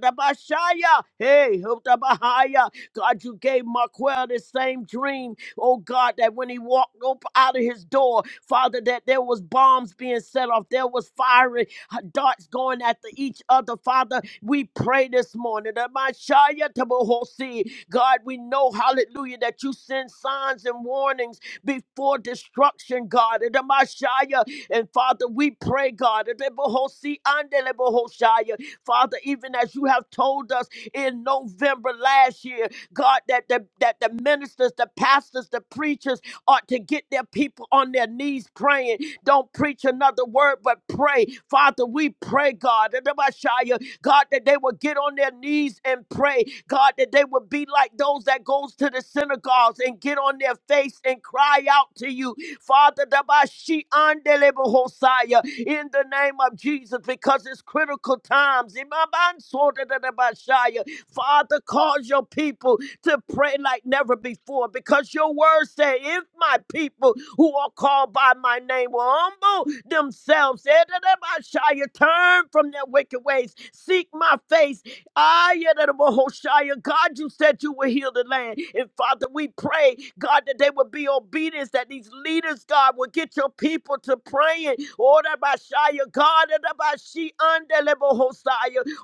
Speaker 1: Hey, God, you gave Marquel the same dream, oh God, that when he walked up out of his door, Father, that there was bombs being set off, there was firing, uh, darts going after each other. Father, we pray this morning that my Shia Tabahosi, God, we know, hallelujah, that you send signs and warnings before destruction, God. And that my Shia, and Father, we pray, God, that the Bahosi and the Bahoshia, Father, even as you have told us in November last year, God, that the, that the ministers, the pastors, the preachers ought to get their people on their knees praying. Don't preach another word, but pray. Father, we pray, God, that the Messiah, God, that they will get on their knees and pray. God, that they will be like those that goes to the synagogues and get on their face and cry out to you. Father, the Bashi Andelebo Hosea, in the name of Jesus, because it's critical times. Imaban Soda the Messiah. Father, cause your people to pray like never before because your word say, if my people who are called by my name will humble themselves, Shia, turn from their wicked ways, seek my face, I Shia, God, you said you would heal the land. And Father, we pray, God, that they would be obedient, that these leaders, God, would get your people to praying. Order by Shia, God, under by she under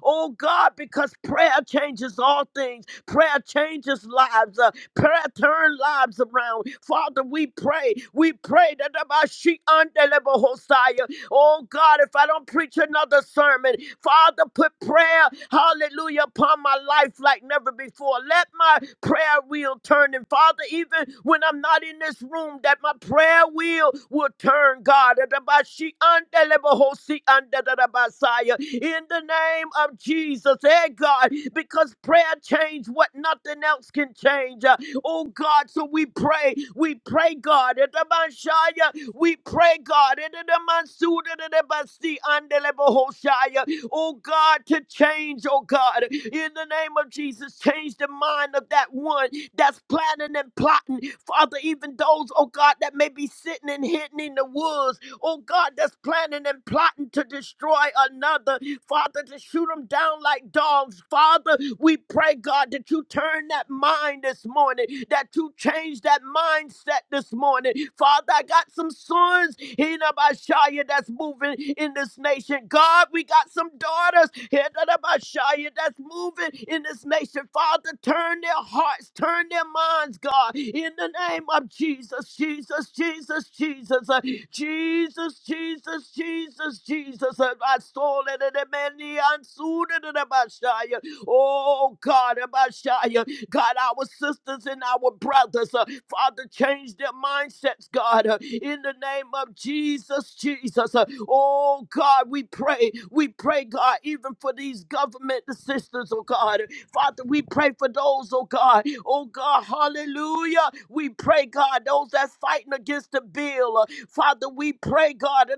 Speaker 1: oh God, because prayer changes all things. Prayer changes lives. Uh, prayer turns lives around. Father, we pray. We pray that the Bashi and the Lebo Hosea, Oh God, if I don't preach another sermon, Father, put prayer, hallelujah, upon my life like never before. Let my prayer wheel turn. And Father, even when I'm not in this room, that my prayer wheel will turn, God. Adabashi andelebahosi andadadabasaya. In the name of Jesus, hey God, because prayer changed what nothing else can change. Uh, Oh God, so we pray, we pray, God. Adabashaya we pray, God, in the Mansuda the Basi and the Hoshaya, oh God, to change, oh God, in the name of Jesus, change the mind of that one that's planning and plotting, Father, even those, oh God, that may be sitting and hidden in the woods, oh God, that's planning and plotting to destroy another, Father, to shoot them down like dogs. Father, we pray, God, that you turn that mind this morning, that you change that mindset this morning. Father, I got some sons, Hinabashaya, that's moving in this nation. God, God, we got some daughters here that's moving in this nation. Father, turn their hearts, turn their minds, God, in the name of Jesus, Jesus, Jesus, Jesus, uh, Jesus, Jesus, Jesus, Jesus. uh, My soul, and the man, the in the Messiah. Oh God, Messiah. God, our sisters and our brothers, uh, Father, change their mindsets, God, uh, in the name of Jesus, Jesus. uh, oh, God, we pray. We pray, God, even for these government assistants, oh, God. Father, we pray for those, oh, God. Oh, God, hallelujah. We pray, God, those that's fighting against the bill. uh, Father, we pray, God,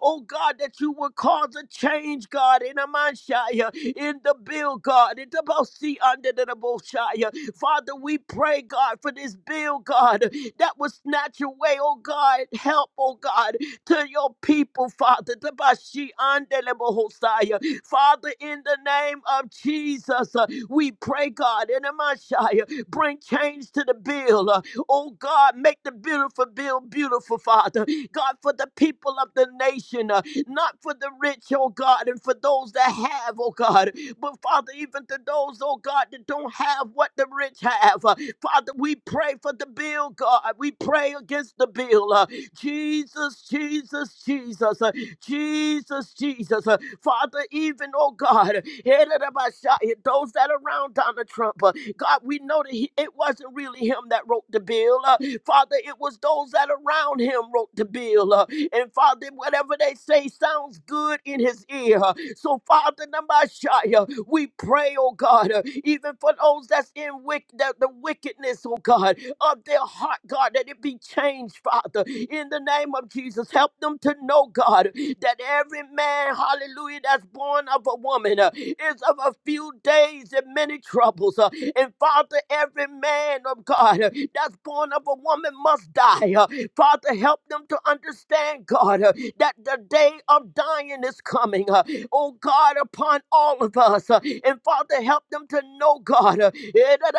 Speaker 1: Oh God, that you would cause a change, God, in Amanshaya, in the bill, God, in the Bosi under the Boshaya. Father, we pray, God, for this bill, God, that will snatch away, oh God, help, oh God, to your people, Father. The Bashi under the Bohosaya. Father, in the name of Jesus, uh, we pray, God, in Amanshaya, bring change to the bill. uh, Oh God, make the beautiful bill beautiful, Father. God, for the people of the nation, uh, not for the rich, oh God, and for those that have, oh God, but Father, even to those, oh God, that don't have what the rich have. uh, Father, we pray for the bill, God. We pray against the bill. uh, Jesus, Jesus, Jesus. Uh, Jesus, Jesus. Uh, Father, even, oh God, Hererabashaya, those that are around Donald Trump, uh, God, we know that he, it wasn't really him that wrote the bill. Uh, Father, it was those that around him wrote the bill. Uh, and Father, whatever they say sounds good in his ear. uh, So, Father, Namashaya, we pray, oh God, uh, even for those that's in wick, the, the wickedness, oh God, of their heart, God, that it be changed, Father, in the name of Jesus. Help them to know, God, that every man, hallelujah, that's born of a woman uh, is of a few days and many troubles. uh, and Father, every man of God uh, that's born of a woman must die. uh, Father, help them to understand, God, uh, that the day of dying is coming. uh, oh God, upon all of us. Uh, And Father, help them to know, God, uh, eh, da-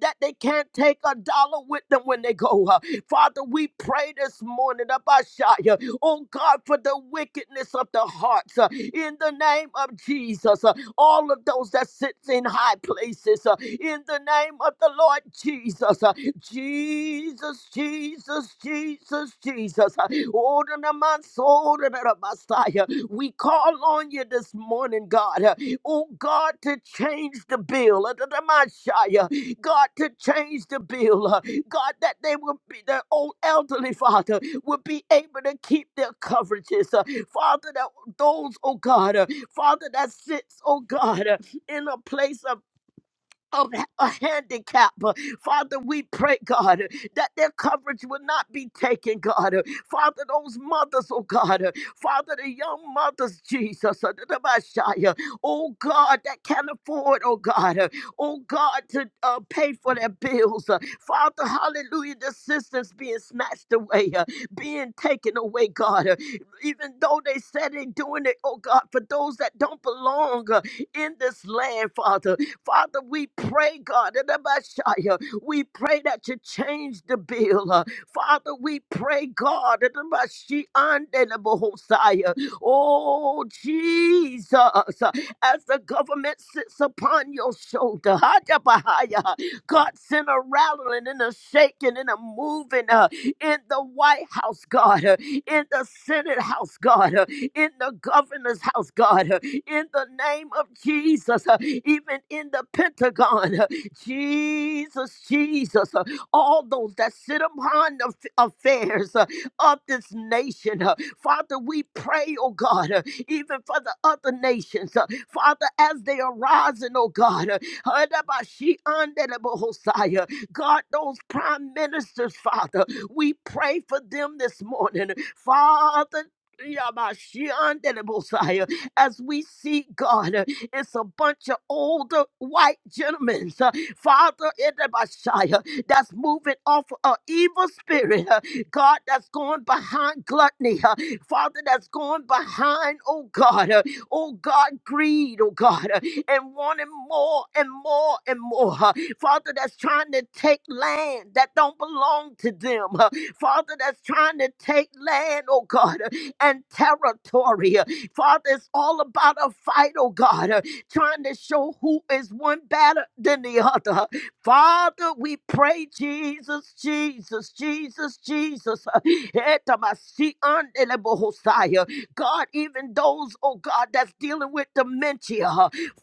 Speaker 1: that they can't take a dollar with them when they go. Uh, Father, we pray this morning, da- ba- shia, oh God, for the wickedness of the hearts. uh, In the name of Jesus, Uh, all of those that sits in high places, uh, in the name of the Lord Jesus, uh, Jesus, Jesus, Jesus, Jesus. uh, Oh, the man, so the Messiah, we call on you this morning, God. uh, Oh, God, to change the bill. uh, da- da- my shy, uh, God, to change the bill. uh, God, that they will be, their old elderly father will be able to keep their coverages. uh, Father, that those, oh God, uh, Father, that sits, oh God, uh, in a place of of a handicap. Father, we pray, God, that their coverage will not be taken, God. Father, those mothers, oh God, Father, the young mothers, Jesus, uh, the Messiah, oh God, that can't afford, oh God, uh, oh God, to uh, pay for their bills. uh, Father, hallelujah, the sisters being snatched away, uh, being taken away, God. uh, Even though they said they're doing it, oh God, for those that don't belong, uh, in this land, Father. Father, we pray, God, in the Messiah, we pray that you change the bill. uh, Father, we pray, God, in the Messiah, and in the Messiah. oh Jesus, uh, as the government sits upon your shoulder, Hadabahaya, God, send a rattling and a shaking and a moving. Uh, in the White House, God, uh, in the Senate House, God, uh, in the Governor's House, God, uh, in the name of Jesus, uh, even in the Pentagon, uh, Jesus, Jesus, uh, all those that sit upon the aff- affairs uh, of this nation, uh, Father, we pray, oh God, uh, even for the other nations, uh, Father, as they are rising, oh God, uh, Hadabashi andelebahoshaya, God, those prime ministers, Father. We pray for them this morning. Father, Yamashiandelebosai, as we see God, uh, it's a bunch of older white gentlemen, uh, Father in the that's moving off an evil spirit, uh, God, that's going behind gluttony, uh, Father, that's going behind, oh God, uh, oh God, greed, oh God, uh, and wanting more and more and more. uh, Father, that's trying to take land that don't belong to them. uh, Father, that's trying to take land, oh God, uh, and territory. uh, Father, it's all about a fight, oh God, uh, trying to show who is one better than the other. Father, we pray, Jesus, Jesus, Jesus, Jesus. uh, Etamasiandelebohosai, uh, God, even those, oh God, that's dealing with dementia.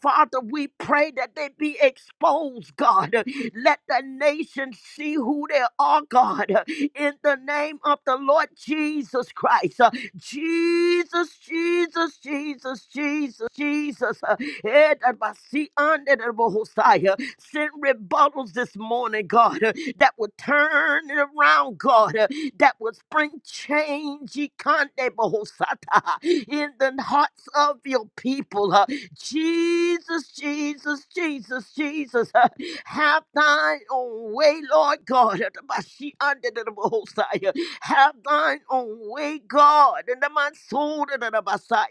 Speaker 1: Father, we pray that they be exposed, God. Let the nation see who they are, God. In the name of the Lord Jesus Christ. Jesus, Jesus, Jesus, Jesus, Jesus. Eh, that by see under the Messiah. Send rebuttals this morning, God, that would turn it around, God, that would bring change Ikande Bahosata, in the hearts of your people. Jesus, Jesus, Jesus, Jesus. Uh, Have thine own way, Lord God. Uh, the ande de de bohosai. Have thine own way, God. In the man soul de de Messiah.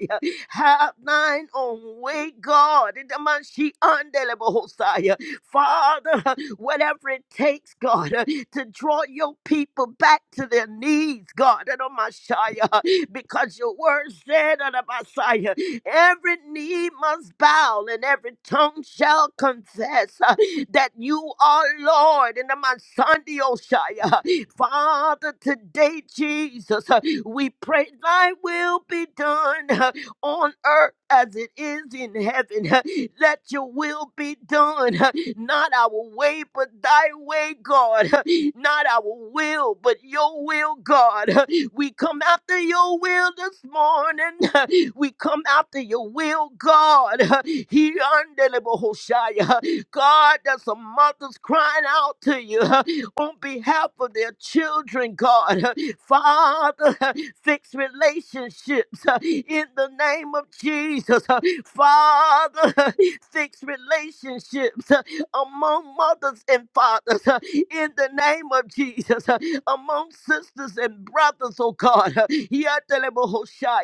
Speaker 1: Have thine own way, God. In the man she ande de bohosai. Father, whatever it takes, God, uh, to draw your people back to their knees, God, and on my Shia, because your word said on my Messiah, every knee must bow and every tongue shall confess uh, that you are Lord, and on my Sunday, Shia. Father, today, Jesus, uh, we pray thy will be done. uh, on earth as it is in heaven. Let your will be done, not our way, but thy way, God. Not our will, but your will, God. We come after your will this morning. We come after your will, God. He undelable Hoshaya. God, there's some mothers crying out to you. on behalf of their children, God. Father, fix relationships uh, in the name of Jesus. Uh, Father, fix relationships uh, among mothers and fathers uh, in the name of Jesus, uh, among sisters and brothers, oh God.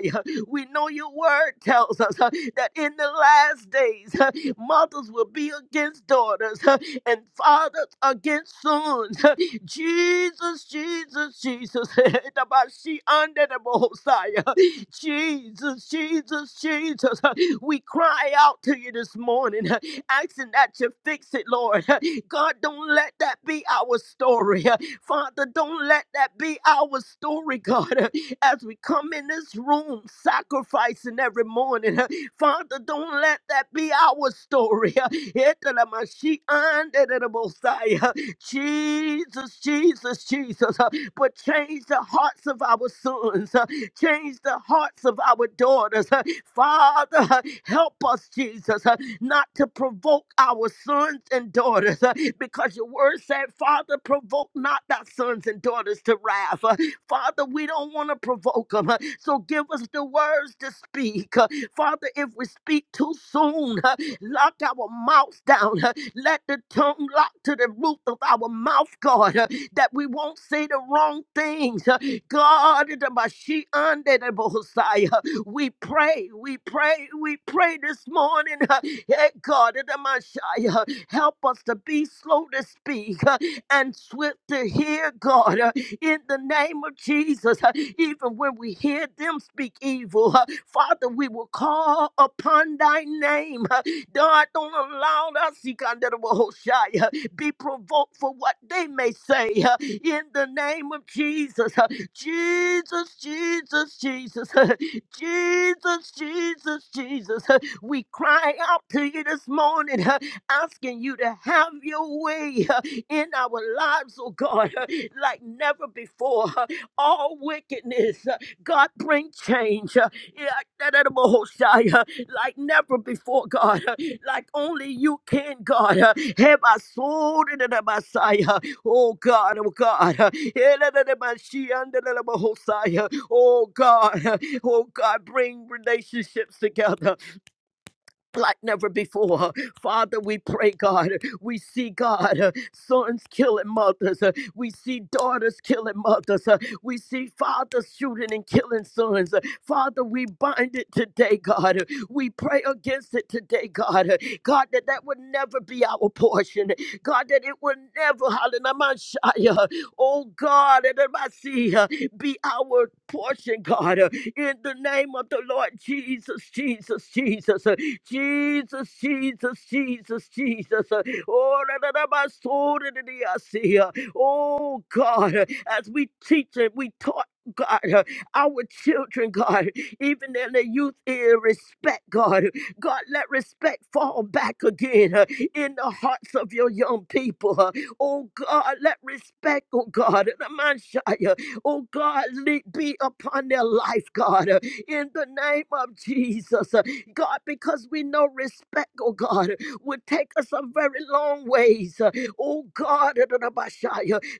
Speaker 1: We know your word tells us uh, that in the last days, uh, mothers will be against daughters uh, and fathers against sons. uh. Jesus, Jesus, Jesus. Etabashi under the Messiah. Jesus, Jesus, Jesus. uh, We cry out to you this morning, uh, asking that you fix it, Lord. God, don't let that be our story. Father, don't let that be our story, God. As we come in this room sacrificing every morning, Father, don't let that be our story. Jesus, Jesus, Jesus. But change the hearts of our sons. Change the hearts of our daughters. Uh, Father, uh, help us, Jesus, uh, not to provoke our sons and daughters uh, because your word said, Father, provoke not thy sons and daughters to wrath. Uh, Father, we don't want to provoke them. uh, So give us the words to speak. Uh, Father, if we speak too soon, uh, lock our mouths down. uh, Let the tongue lock to the roof of our mouth, God, uh, that we won't say the wrong things. uh, God, the Bashi and the Bohosaya. we pray, we pray, we pray this morning. uh, Hey, God, the Messiah, help us to be slow to speak uh, and swift to hear, God, uh, in the name of Jesus. uh, Even when we hear them speak evil, uh, Father, we will call upon thy name. God, don't allow us, Ikanderebohoshaya, be provoked for what they may say uh, in the name of Jesus. uh, Jesus, Jesus, Jesus, uh, Jesus, Jesus, Jesus. uh, We cry out to you this morning, uh, asking you to have your way uh, in our lives, oh God, uh, like never before. uh, All wickedness, uh, God, bring change. huh. Yeah, that edible Hosea, like never before, God, like only you can, God. Have I sold it to Messiah? Oh God, oh God. Yeah, that edible she under the edible Hosea. Oh God, oh God, bring relationships together like never before. Father, we pray, God. We see, God, uh, sons killing mothers. uh, We see daughters killing mothers. uh, We see fathers shooting and killing sons. uh, Father, we bind it today, God. uh, We pray against it today, God. uh, God, that that would never be our portion. God, that it would never, hallelujah, uh, oh God, that it might see, uh, be our portion, God. uh, In the name of the Lord Jesus, Jesus, Jesus. uh, Jesus, Jesus, Jesus, Jesus. Oh, da, da, da, ba, so, da, da, da, I see. Oh, God, as we teach and we taught. God, our children, God, even in the youth ear, respect, God. God, let respect fall back again uh, in the hearts of your young people. uh. Oh God, let respect, oh God, uh, Namashaya, oh God, le- be upon their life, God, uh, in the name of Jesus. God, because we know respect, oh God, would take us a very long ways. uh, Oh God, uh, da-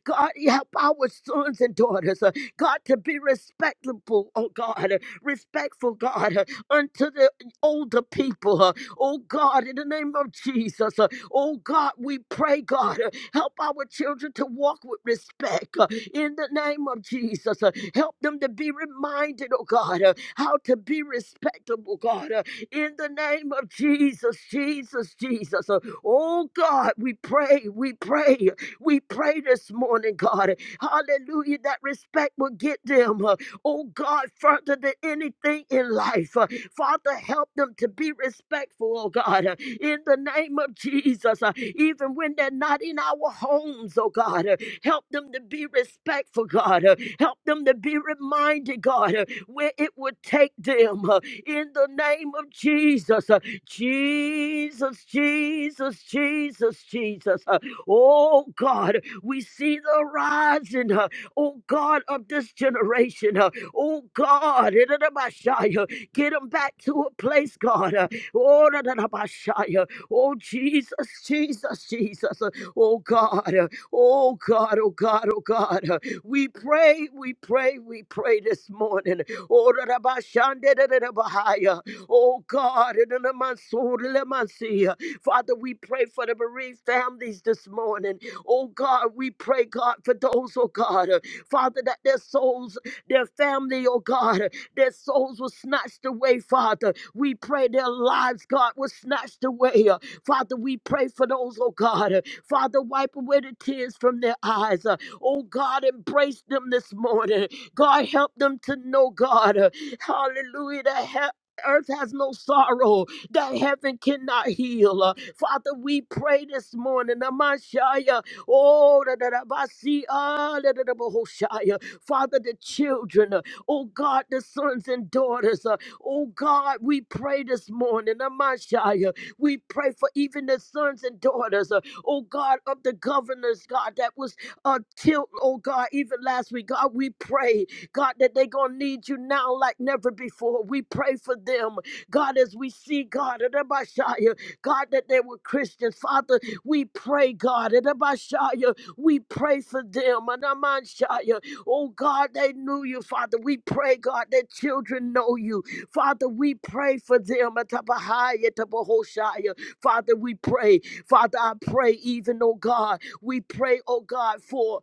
Speaker 1: God, help our sons and daughters, uh, God, to be respectable, oh God, uh, respectful, God, uh, unto the older people. uh, Oh God, in the name of Jesus, uh, oh God, we pray, God, uh, help our children to walk with respect uh, in the name of Jesus. uh, Help them to be reminded, oh God, uh, how to be respectable, God. uh, in the name of Jesus, Jesus, Jesus. Uh, Oh God, we pray, we pray, we pray this morning, God. Hallelujah, that respect will get them, uh, oh God, further than anything in life. Uh, Father, help them to be respectful, oh God, uh, in the name of Jesus, uh, even when they're not in our homes, oh God. uh, Help them to be respectful, God. uh, Help them to be reminded, God, uh, where it would take them uh, in the name of Jesus. uh, Jesus, Jesus, Jesus, Jesus. uh, Oh God, we see the rising, uh, oh God, of this generation. uh, Oh God, Itabashaya, get them back to a place, God. uh, Oh, Itabashaya, oh Jesus, Jesus, Jesus. uh, Oh God, uh, oh God, oh God, oh God. uh, We pray, we pray, we pray this morning. Oh, Rabashandedabahaya. Oh, God. in the name of Sur- Lemasia. Father, we pray for the bereaved families this morning. Oh, God, we pray, God, for those, oh, God. uh, Father, that their souls, their family, oh, God, uh, their souls were snatched away, Father. We pray their lives, God, were snatched away. uh, Father, we pray for those, oh, God. uh, Father, wipe away the tears from their eyes. uh, Oh God, embrace them this morning. God, help them to know, God, uh, hallelujah, that he- Earth has no sorrow that heaven cannot heal. Uh, Father, we pray this morning. Amashaya, oh, da, da, da, ba, si, ah, da, da, da, ba, ho, shaya. Father, the children, uh, oh God, the sons and daughters, uh, oh God, we pray this morning. Amashaya, we pray for even the sons and daughters, uh, oh God, of the governors, God, that was until, oh God, even last week, God, we pray, God, that they're going to need you now like never before. We pray for them, God, as we see, God, and Abashaya, God, that they were Christians. Father, we pray, God, and Abashaya, we pray for them, and Amanshaya, oh God, they knew you, Father. We pray, God, that children know you. Father, we pray for them, and Tabahaya, Tabahoshaya. Father, we pray. Father, I pray even, oh God. We pray, oh God, for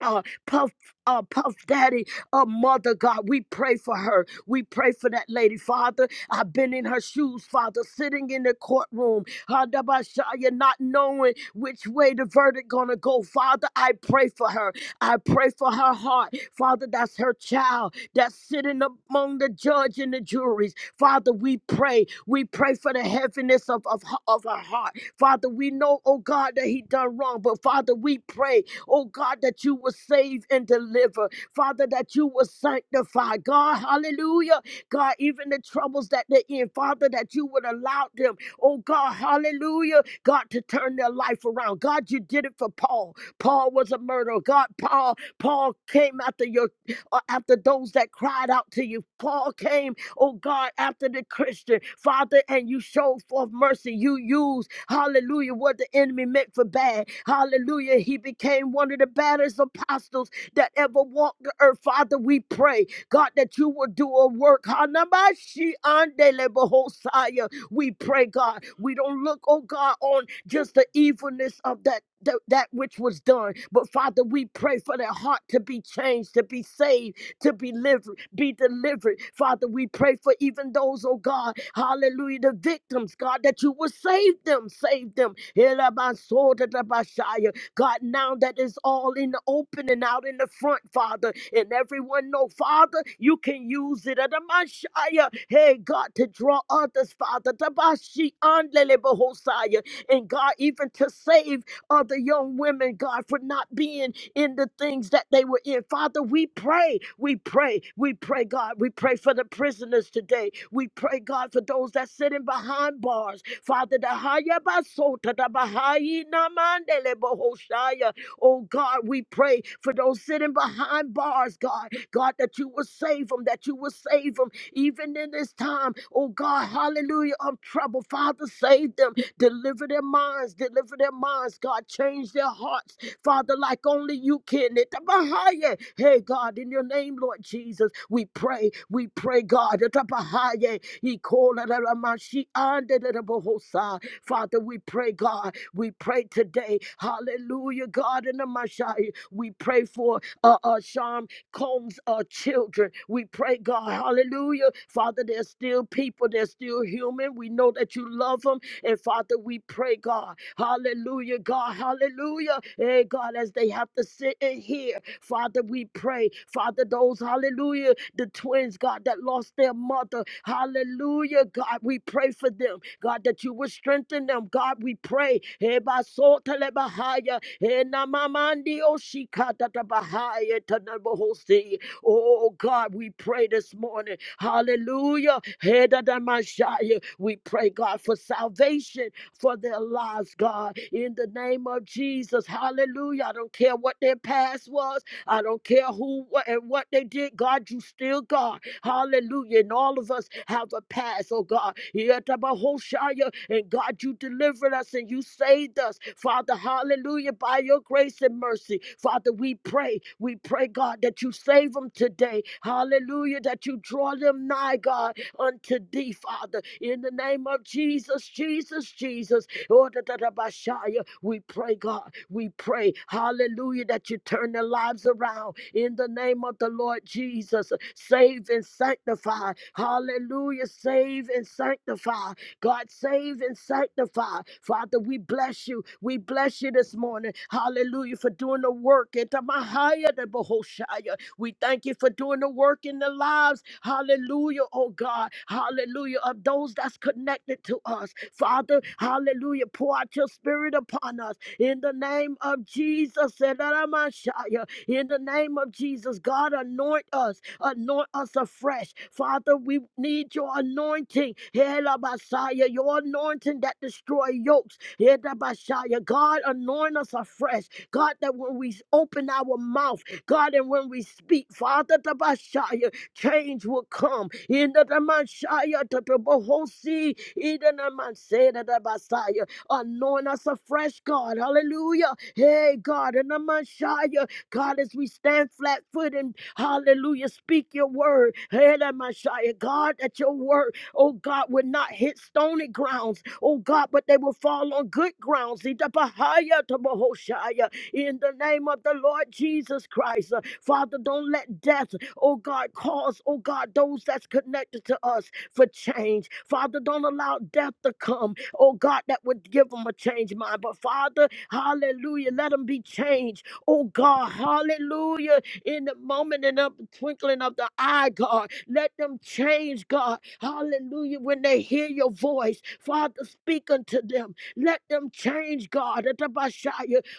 Speaker 1: uh, Puff, uh, Puff Daddy, uh, Mother God. We pray for her. We pray for that lady, Father. I've been in her shoes, Father, sitting in the courtroom, Hadabashaya, not knowing which way the verdict gonna go. Father, I pray for her. I pray for her heart, Father. That's her child that's sitting among the judge and the juries. Father, we pray. We pray for the heaviness of, of, of her heart. Father, we know, oh God, that he done wrong, but Father, we pray Oh God, that you will save and deliver. Father, that you will sanctify. God, hallelujah. God, even the troubles that they're in, Father, that you would allow them, oh God, hallelujah, God, to turn their life around. God, you did it for Paul. Paul was a murderer. God, Paul, Paul came after your uh, after those that cried out to you. Paul came oh God, after the Christian, Father, and you show forth mercy. You use, hallelujah, what the enemy meant for bad. Hallelujah. He became one of the baddest apostles that ever walked the earth. Father, we pray, God, that you will do a work. Hanamashi andele bohosaya. We pray, God. We don't look, oh God, on just the evilness of that. That, that which was done. But Father, we pray for their heart to be changed, to be saved, to be delivered be delivered. Father, we pray for even those, oh God, hallelujah, the victims, God, that you will save them, save them. Elabasodadabashaya. God, now that it's all in the open and out in the front, Father, and everyone know, Father, you can use it. Adamashaya. Hey, God, to draw others, Father, Tabashi andelebehosaya. and God, even to save other young women, God, for not being in the things that they were in. Father, we pray, we pray, we pray, God. We pray for the prisoners today. We pray, God, for those that sitting behind bars. Father, the haya basota, the bahai namandele bohoshaya. Oh God, we pray for those sitting behind bars, God. God, that you will save them, that you will save them even in this time. Oh God, hallelujah, of trouble. Father, save them. Deliver their minds, deliver their minds, God. Change their hearts Father, like only you can. Itabahaya. Hey, God, in your name, Lord Jesus, we pray, we pray, God. Itabahaya. Ikolalamashi andedebohosa. Father, we pray, God, we pray today. Hallelujah, God, in the Mashai. We pray for uh, uh, Sean comes our children. We pray, God, hallelujah. Father, there's still people, they're still human. We know that you love them. And Father, we pray, God, hallelujah, God, hallelujah. Hey, God, as they have to sit in here, Father, we pray. Father, those, hallelujah, the twins, God, that lost their mother, Hallelujah, God. We pray for them, God, that you will strengthen them. God, we pray. Eba sota leba haya, ena mamandi oshika tata bahaya tana bohosi. Oh, God, we pray this morning. Hallelujah. Heda da mashaya. We pray, God, for salvation for their lives, God, in the name of Jesus. Hallelujah. I don't care what their past was. I don't care who wha- and what they did, God, you still God. Hallelujah. And all of us have a past, oh God. Yetabahoshaya. And God, you delivered us and you saved us. Father, hallelujah, by your grace and mercy. Father, we pray, we pray, God, that you save them today. Hallelujah, that you draw them nigh, God, unto thee, Father. In the name of Jesus, Jesus, Jesus. Oh, da, da, da, ba, shaya. We pray, God. We pray, hallelujah, that you turn their lives around in the name of the Lord Jesus. Save and sanctify. Hallelujah. Save and sanctify. God, save and sanctify. Father, we bless you. We bless you this morning. Hallelujah for doing the work. Eta Mahaya, de bohoshaya. We thank you for doing the work in the lives. Hallelujah, oh God. Hallelujah, of those that's connected to us. Father, hallelujah, pour out your spirit upon us. In the name of Jesus, Sedaramashaya. in the name of Jesus, God, anoint us, anoint us afresh. Father, we need your anointing, Helabasaya, your anointing that destroy yokes. Helabasaya. God, anoint us afresh. God, that when we open our mouth, God, and when we speak, Father, the Bashaya, change will come. In the Damashaya, the Bohosi, in the Namanseda, the Basaya, anoint us afresh, God. Hallelujah. Hey, God, in the Mashaya, God, as we stand flat footed, hallelujah, speak your word. Hey, the Mashaya, God, that your word, oh God, would not hit stony grounds, oh God, but they will fall on good grounds. In the Bahaya, the Bohoshaya in the name of the Lord Jesus Christ. Uh, Father, don't let death, oh God, cause, oh God, those that's connected to us for change. Father, don't allow death to come, oh God, that would give them a change mind. But Father, hallelujah, let them be changed, oh God, hallelujah, in the moment and up the twinkling of the eye, God. Let them change, God, hallelujah, when they hear your voice. Father, speak unto them. Let them change, God.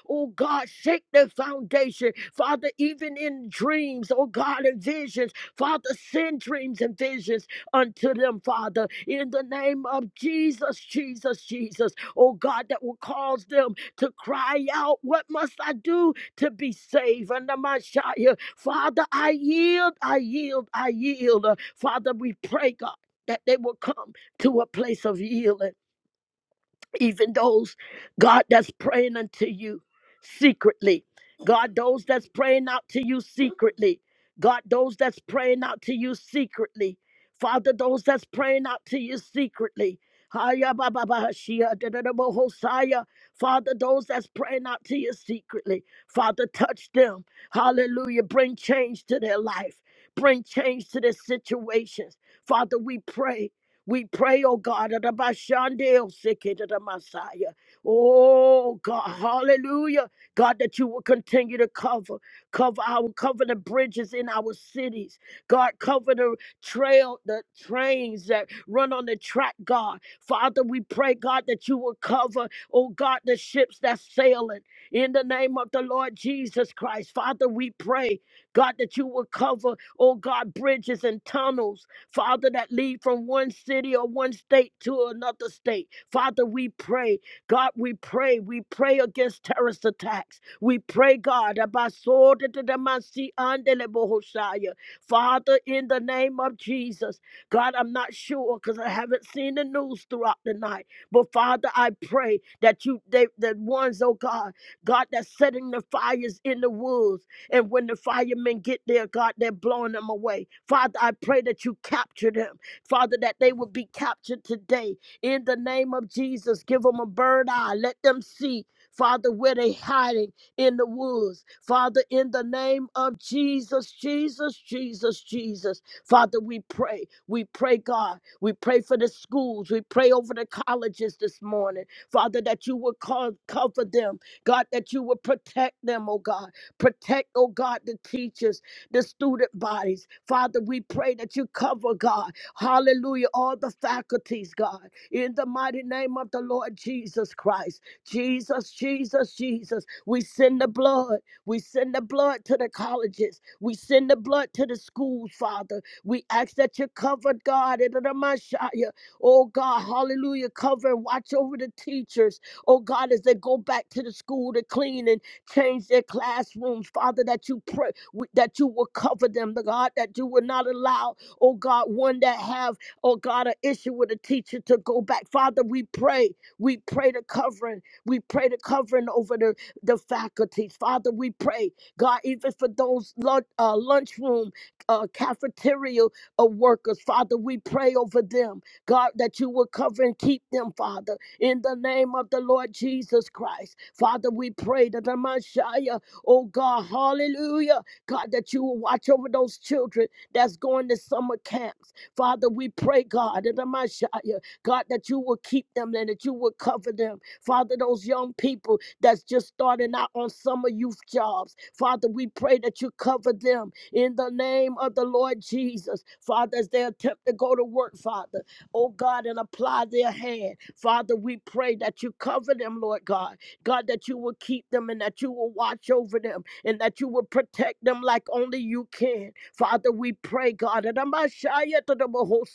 Speaker 1: Oh God, shake the foundation. Father, even in dreams, oh God, and visions, Father, send dreams and visions unto them, Father, in the name of Jesus, Jesus, Jesus. Oh God, that will cause them to cry out, What must I do to be saved? Under my Shia, Father, I yield, I yield, I yield. Uh, Father, we pray, God, that they will come to a place of yielding even those, God, that's praying unto you secretly. God, those that's praying out to you secretly. God, those that's praying out to you secretly. Father, those that's praying out to you secretly. Haya ba ba ba shia da da da bo hosaya. Father, those that's praying out to you secretly. Father, touch them. Hallelujah. Bring change to their life. Bring change to their situations. Father, we pray. We pray, oh God, that the Shandil, sick it, that the Messiah. Oh God, hallelujah. God, that you will continue to cover, cover our cover the bridges in our cities. God, cover the trail, the trains that run on the track, God. Father, we pray, God, that you will cover, oh God, the ships that's sailing in the name of the Lord Jesus Christ. Father, we pray, God, that you will cover, oh God, bridges and tunnels. Father, that lead from one city or one state to another state. Father, we pray. God, we pray. We pray against terrorist attacks. We pray, God, about sword to the man see under the Bohoshaya. Father, in the name of Jesus. God, I'm not sure because I haven't seen the news throughout the night. But Father, I pray that you, they, the ones, oh God, God, that's setting the fires in the woods. And when the firemen get there, God, they're blowing them away. Father, I pray that you capture them. Father, that they would be captured today. In the name of Jesus, give them a bird eye. Let them see, Father, where they are hiding in the woods. Father, in the name of Jesus, Jesus, Jesus, Jesus. Father, we pray. We pray, God. We pray for the schools. We pray over the colleges this morning. Father, that you would co- cover them. God, that you would protect them, oh God. Protect, oh God, the teachers, the student bodies. Father, we pray that you cover, God. Hallelujah. All the faculties, God. In the mighty name of the Lord Jesus Christ. Jesus, Jesus, Jesus. We send the blood. We send the blood to the colleges. We send the blood to the schools, Father. We ask that you cover, God. In the Messiah. Oh God, hallelujah. Cover and watch over the teachers. Oh God, as they go back to the school to clean and Change their classrooms, Father, that you pray that you will cover them, the God, that you will not allow, oh God, one that have, oh God, an issue with a teacher to go back. Father, we pray. We pray the covering. We pray the covering over the, the faculties. Father, we pray, God, even for those lunch, uh, lunchroom, uh, cafeteria uh, workers, Father, we pray over them. God, that you will cover and keep them, Father in the name of the Lord Jesus Christ. Father, we pray that the Messiah, oh God, hallelujah, God, that you will watch over those children that's going to summer camps. Father, we pray, God, that the Messiah, God, that you will keep them and that you will cover them. Father, those young people that's just starting out on summer youth jobs, Father, we pray that you cover them in the name of the Lord Jesus. Father, as they attempt to go to work, Father oh God, and apply their hand. Father, we pray that you cover them, Lord God. God, that you will keep them and that you will watch over them and that you will protect them like only you can. Father, we pray, God, and I'm a shy at the double whole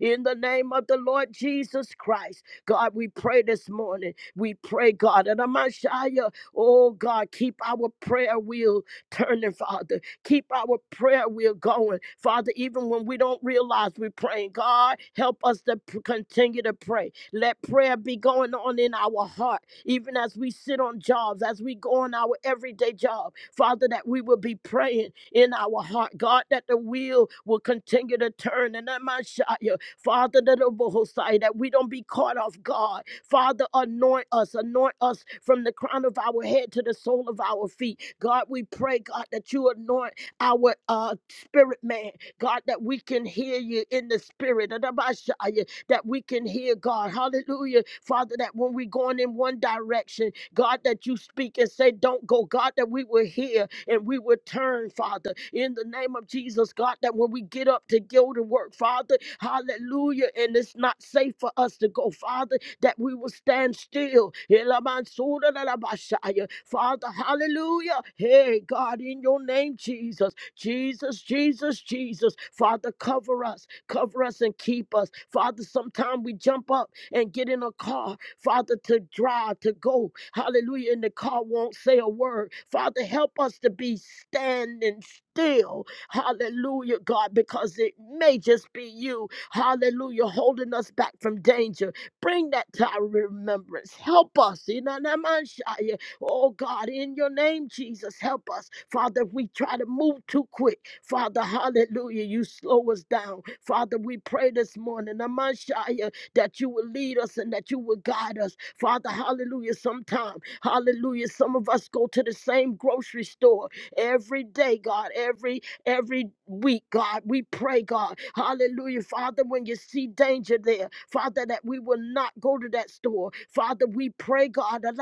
Speaker 1: in the name of the Lord Jesus Christ. God, we pray this morning. We pray, God, and I'm a shy, oh God, keep our prayer wheel turning, Father. Keep our prayer wheel going. Father, even when we don't realize we're praying, God, help us to p- continue to pray. Let prayer be going on in our heart, even as we sit on jobs, as we go on our everyday job. Father, that we will be praying in our heart, God, that the wheel will continue to turn. And that my Shia, Father, that the Bohosai, that we don't be caught off guard. Father, anoint us, anoint us from the crown of our head to the sole of our feet. God, we pray, God, that you anoint our uh, spirit man, God, that we can hear you in the spirit, Adabashaya, that we can hear God. Hallelujah. Father, that when we're going in one direction, God, that you speak and say, Don't go. God, that we will hear and we will turn, Father, in the name of Jesus, God, that when we get up to go to work, Father, hallelujah, and it's not safe for us to go, Father, that we will stand still. Elamansooralabashaya. Father, hallelujah. Hey, God, in your name, Jesus. Jesus, Jesus, Jesus. Father, cover us. Cover us and keep us. Father, sometime we jump up and get in a car, Father, to drive, to go. Hallelujah. And the car won't say a word. Father, help us to be standing still. Hallelujah, God, because it may just be you. Hallelujah, holding us back from danger. Bring that to our remembrance. Help us. in the Oh God, in your name, Jesus, help us. Father, if we try to move too quick, Father, hallelujah, you slow us down. Father, we pray this morning, Amashia, that you will lead us and that you will guide us. Father, hallelujah, sometime, hallelujah, some of us go to the same grocery store every day, God, every every week, God. We pray, God. Hallelujah. Father, when you see danger there, Father, that we will not go to that store. Father, we pray, God. In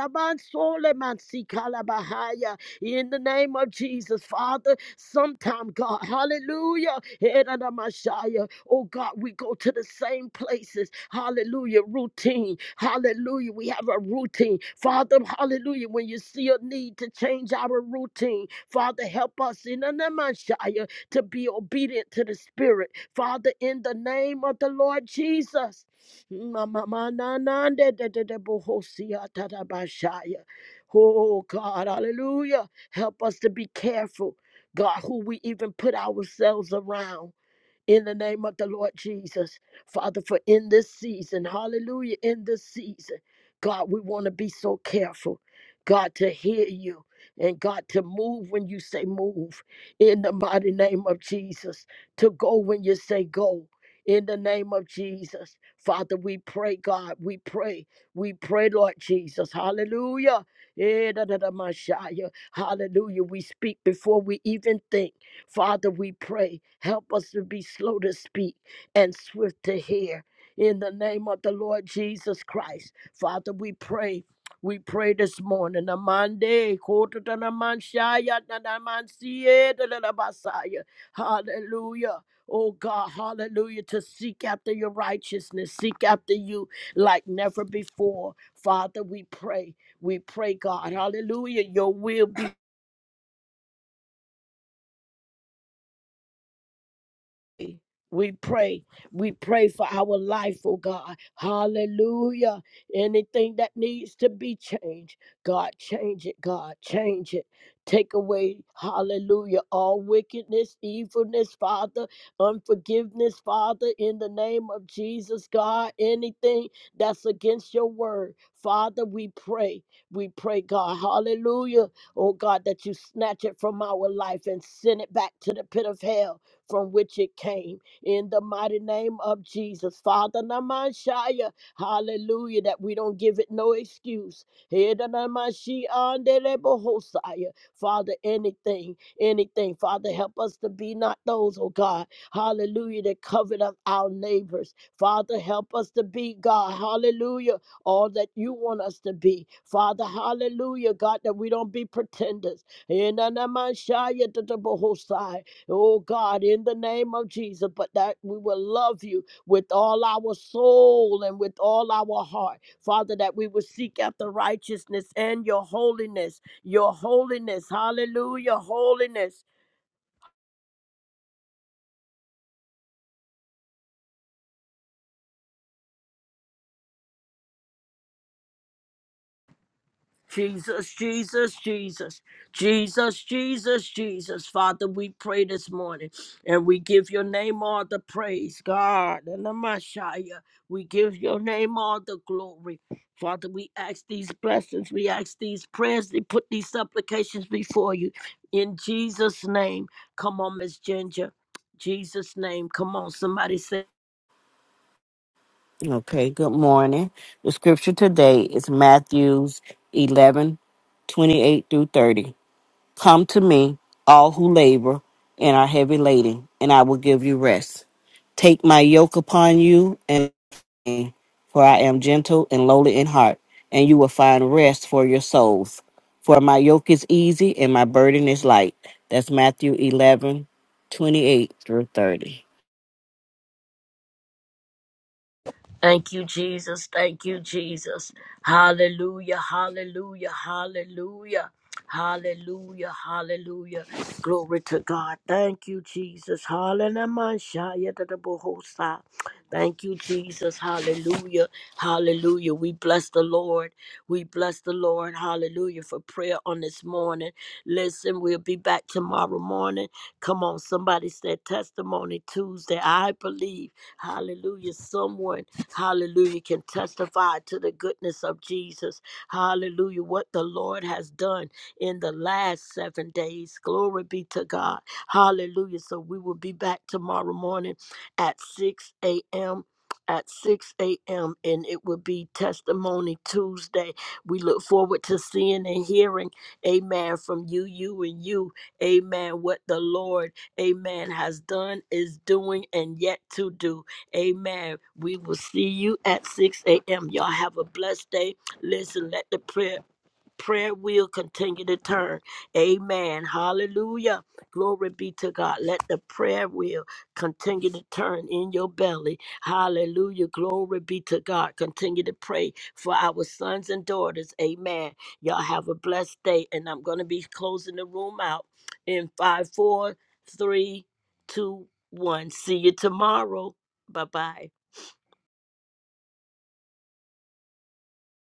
Speaker 1: the name of Jesus, Father, sometime, God. Hallelujah. Eranamashaya. Oh God, we go to the same places. Hallelujah. Routine. Hallelujah. We have a routine. Father, hallelujah. When you see a need to change our routine, Father, help us in Eranamashaya to be obedient to the Spirit. Father, in the name of the Lord Jesus. Ma- ma- ma- na- na- de- de- de- de- bo- ho- si- ya- ta- da- ba- sha- Oh God, hallelujah. Help us to be careful. God, who we even put ourselves around in the name of the Lord Jesus. Father, for in this season, hallelujah, in this season, God, we want to be so careful, God, to hear you and God, to move when you say move, in the mighty name of Jesus, to go when you say go. In the name of Jesus, Father, we pray, God, we pray, we pray, Lord Jesus, hallelujah. Eh, da, da, da, Messiah. Hallelujah. We speak before we even think. Father, we pray, help us to be slow to speak and swift to hear. In the name of the Lord Jesus Christ, Father, we pray. We pray this morning. Amande, koto da na man na na man siye, da da da basaya. Hallelujah. Oh God, hallelujah. To seek after your righteousness, seek after you like never before. Father, we pray. We pray, God. Hallelujah. Your will We pray. We pray for our life, oh God. Hallelujah. Anything that needs to be changed, God, change it, God, change it. Take away, hallelujah, all wickedness, evilness, Father, unforgiveness, Father, in the name of Jesus, God, anything that's against your word, Father, we pray. We pray, God, hallelujah, oh God, that you snatch it from our life and send it back to the pit of hell from which it came. In the mighty name of Jesus, Father Namashaya, hallelujah, that we don't give it no excuse. Heda namashi andelebohosaya. Father, anything, anything, Father, help us to be not those, oh God, hallelujah, that covet up our neighbors. Father, help us to be, God, hallelujah, all that you want us to be. Father, hallelujah, God, that we don't be pretenders. Enanamashaya tatabohosai. Oh God, in the name of Jesus, but that we will love you with all our soul and with all our heart. Father, that we will seek after righteousness and your holiness, your holiness, hallelujah, holiness. Jesus, Jesus, Jesus, Jesus, Jesus, Jesus. Father, we pray this morning and we give your name all the praise, God, and the Messiah. We give your name all the glory. Father, we ask these blessings, we ask these prayers, we put these supplications before you. In Jesus' name, come on, Miss Ginger. Jesus' name, come on, somebody say.
Speaker 4: Okay, good morning. The scripture today is Matthews 11, 28 through 30. Come to me, all who labor and are heavy laden, and I will give you rest. Take my yoke upon you, and learn, for I am gentle and lowly in heart, and you will find rest for your souls. For my yoke is easy and my burden is light. That's Matthew 11, 28 through 30.
Speaker 1: Thank you, Jesus. Thank you, Jesus. Hallelujah. Hallelujah. Hallelujah. Hallelujah. Hallelujah. Glory to God. Thank you, Jesus. Hallelujah. Thank you, Jesus. Hallelujah. Hallelujah. We bless the Lord. We bless the Lord. Hallelujah. For prayer on this morning. Listen, we'll be back tomorrow morning. Come on. Somebody said testimony Tuesday. I believe. Hallelujah. Someone hallelujah, can testify to the goodness of Jesus, hallelujah, what the Lord has done in the last seven days. Glory be to God, hallelujah. So we will be back tomorrow morning at 6 a.m. At 6 a.m., and it will be Testimony Tuesday. We look forward to seeing and hearing, amen, from you, you, and you, amen, what the Lord, amen, has done, is doing, and yet to do. Amen. We will see you at 6 a.m. Y'all have a blessed day. Listen, let the prayer prayer will continue to turn. Amen. Hallelujah. Glory be to God. Let the prayer wheel continue to turn in your belly. Hallelujah. Glory be to God. Continue to pray for our sons and daughters. Amen. Y'all have a blessed day. And I'm going to be closing the room out in five, four, three, two, one. See you tomorrow. Bye bye.